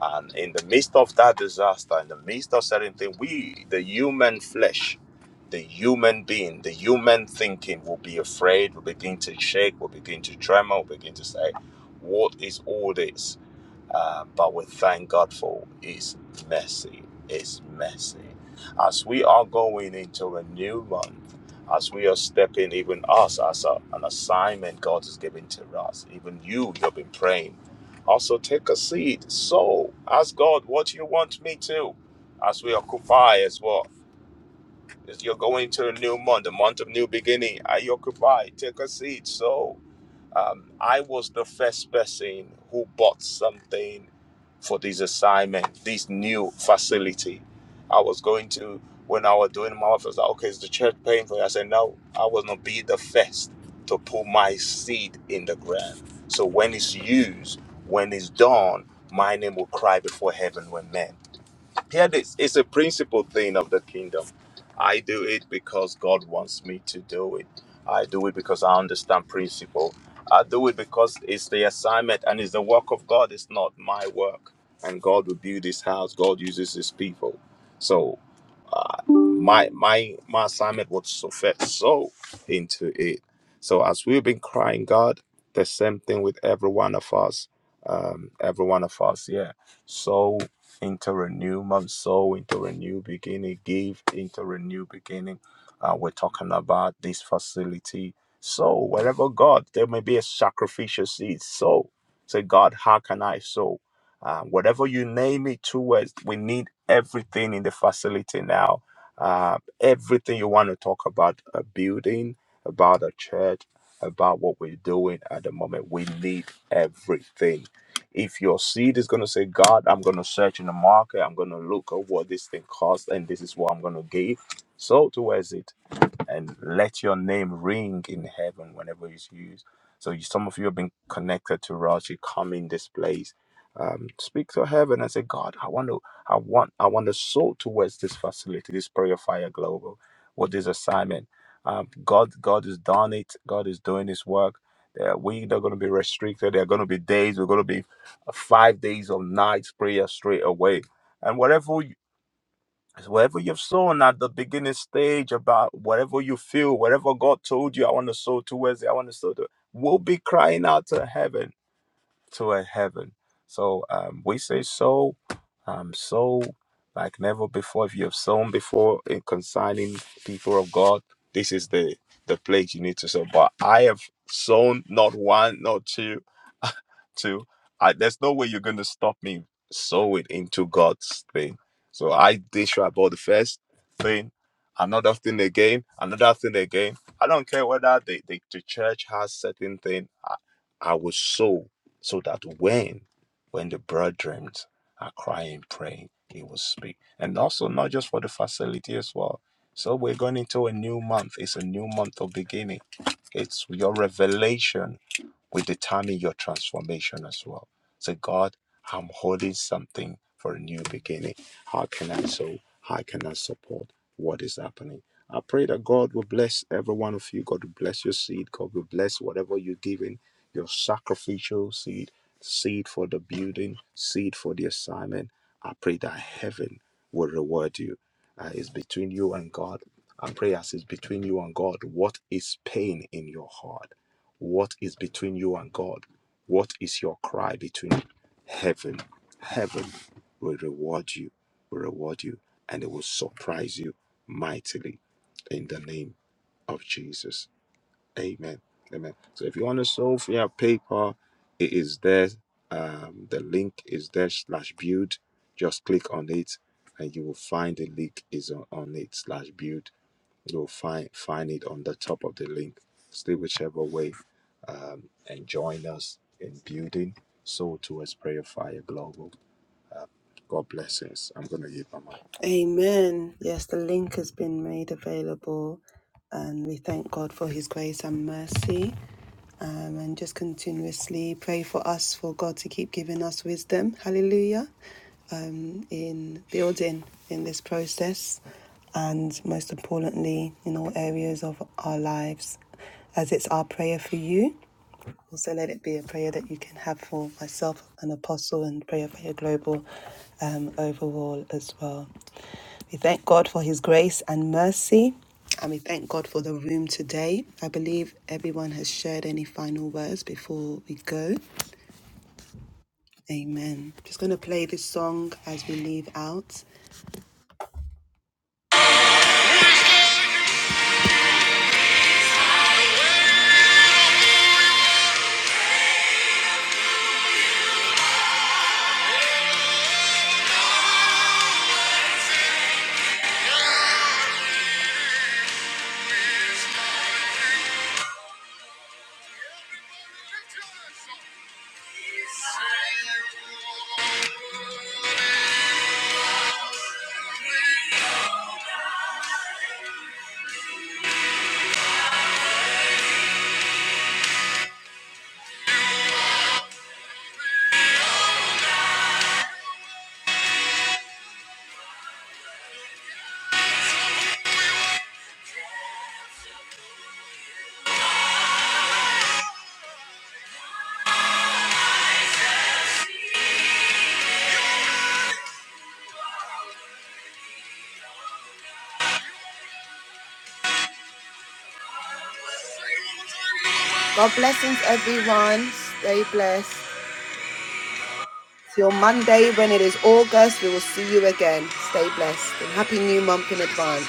And in the midst of that disaster, in the midst of certain things, we, the human flesh, the human being, the human thinking will be afraid, will begin to shake, will begin to tremor, will begin to say, What is all this? Um, but we thank God for His mercy, His mercy. As we are going into a new month, as we are stepping, even us, as a, an assignment God is giving to us, even you, you've been praying. Also, take a seat. So, ask God, what do you want me to? As we occupy as well. As You're going to a new month, a month of new beginning. I occupy. Take a seat. So, um, I was the first person who bought something for this assignment, this new facility. I was going to, when I was doing my office, I was like, okay, is the church paying for it? I said, no, I was going to be the first to put my seed in the ground. So when it's used, when it's done, my name will cry before heaven when men. Hear this it's a principle thing of the kingdom. I do it because God wants me to do it. I do it because I understand principle. I do it because it's the assignment and it's the work of God. It's not my work. And God will build his house, God uses his people. So uh, my my my assignment was to fit so into it. So as we've been crying God, the same thing with every one of us, um, every one of us, yeah. So into a new month, so into a new beginning, give into a new beginning. Uh, we're talking about this facility. So wherever God, there may be a sacrificial seed. So say, God, how can I sow? Uh, whatever you name it towards, we need everything in the facility now. Uh, everything you want to talk about a building, about a church, about what we're doing at the moment, we need everything. If your seed is going to say, God, I'm going to search in the market, I'm going to look at what this thing costs, and this is what I'm going to give, so towards it and let your name ring in heaven whenever it's used. So you, some of you have been connected to us. come in this place, um, speak to heaven and say, God, I want to, I want, I want the soul towards this facility, this prayer fire global, what is assignment. Um, God, God has done it. God is doing His work. Uh, we are going to be restricted. There are going to be days. We're going to be uh, five days of nights prayer straight away. And whatever so whatever you've sown at the beginning stage about whatever you feel, whatever God told you, I want to sow towards it, I want to sow to we'll be crying out to heaven, to a heaven. So um, we say sow, um, sow like never before. If you have sown before in consigning people of God, this is the the place you need to sow. But I have sown not one, not two. Too, I, there's no way you're going to stop me sowing into God's thing. So I did sure about the first thing, another thing again, another thing again. I don't care whether the, the, the church has certain thing. I, I will sow so that when when the brethren are crying, praying, he will speak. And also not just for the facility as well. So we're going into a new month. It's a new month of beginning. It's your revelation will determine your transformation as well. So, God, I'm holding something for a new beginning. How can I so? How can I support what is happening? I pray that God will bless every one of you. God will bless your seed. God will bless whatever you're giving, your sacrificial seed, seed for the building, seed for the assignment. I pray that heaven will reward you. Uh, it's between you and God. I pray as it's between you and God, what is pain in your heart? What is between you and God? What is your cry between you? heaven? Heaven will reward you, will reward you, and it will surprise you mightily in the name of Jesus. Amen. Amen. So if you want to solve via PayPal, it is there. Um, the link is there slash build. Just click on it and you will find the link is on, on it slash build You'll find find it on the top of the link. Stay whichever way, um, and join us in building Soul Towards Prayer Fire Global. God bless us. I'm gonna give my mic. Amen. Yes, the link has been made available, and we thank God for His grace and mercy. Um, and just continuously pray for us, for God to keep giving us wisdom. Hallelujah. Um, in building in this process, and most importantly, in all areas of our lives, as it's our prayer for you. Also, let it be a prayer that you can have for myself, an apostle, and prayer for your global um, overall as well. We thank God for His grace and mercy, and we thank God for the room today. I believe everyone has shared any final words before we go. Amen. Just going to play this song as we leave out. God blessings, everyone. Stay blessed. Till Monday, when it is August, we will see you again. Stay blessed and happy new month in advance.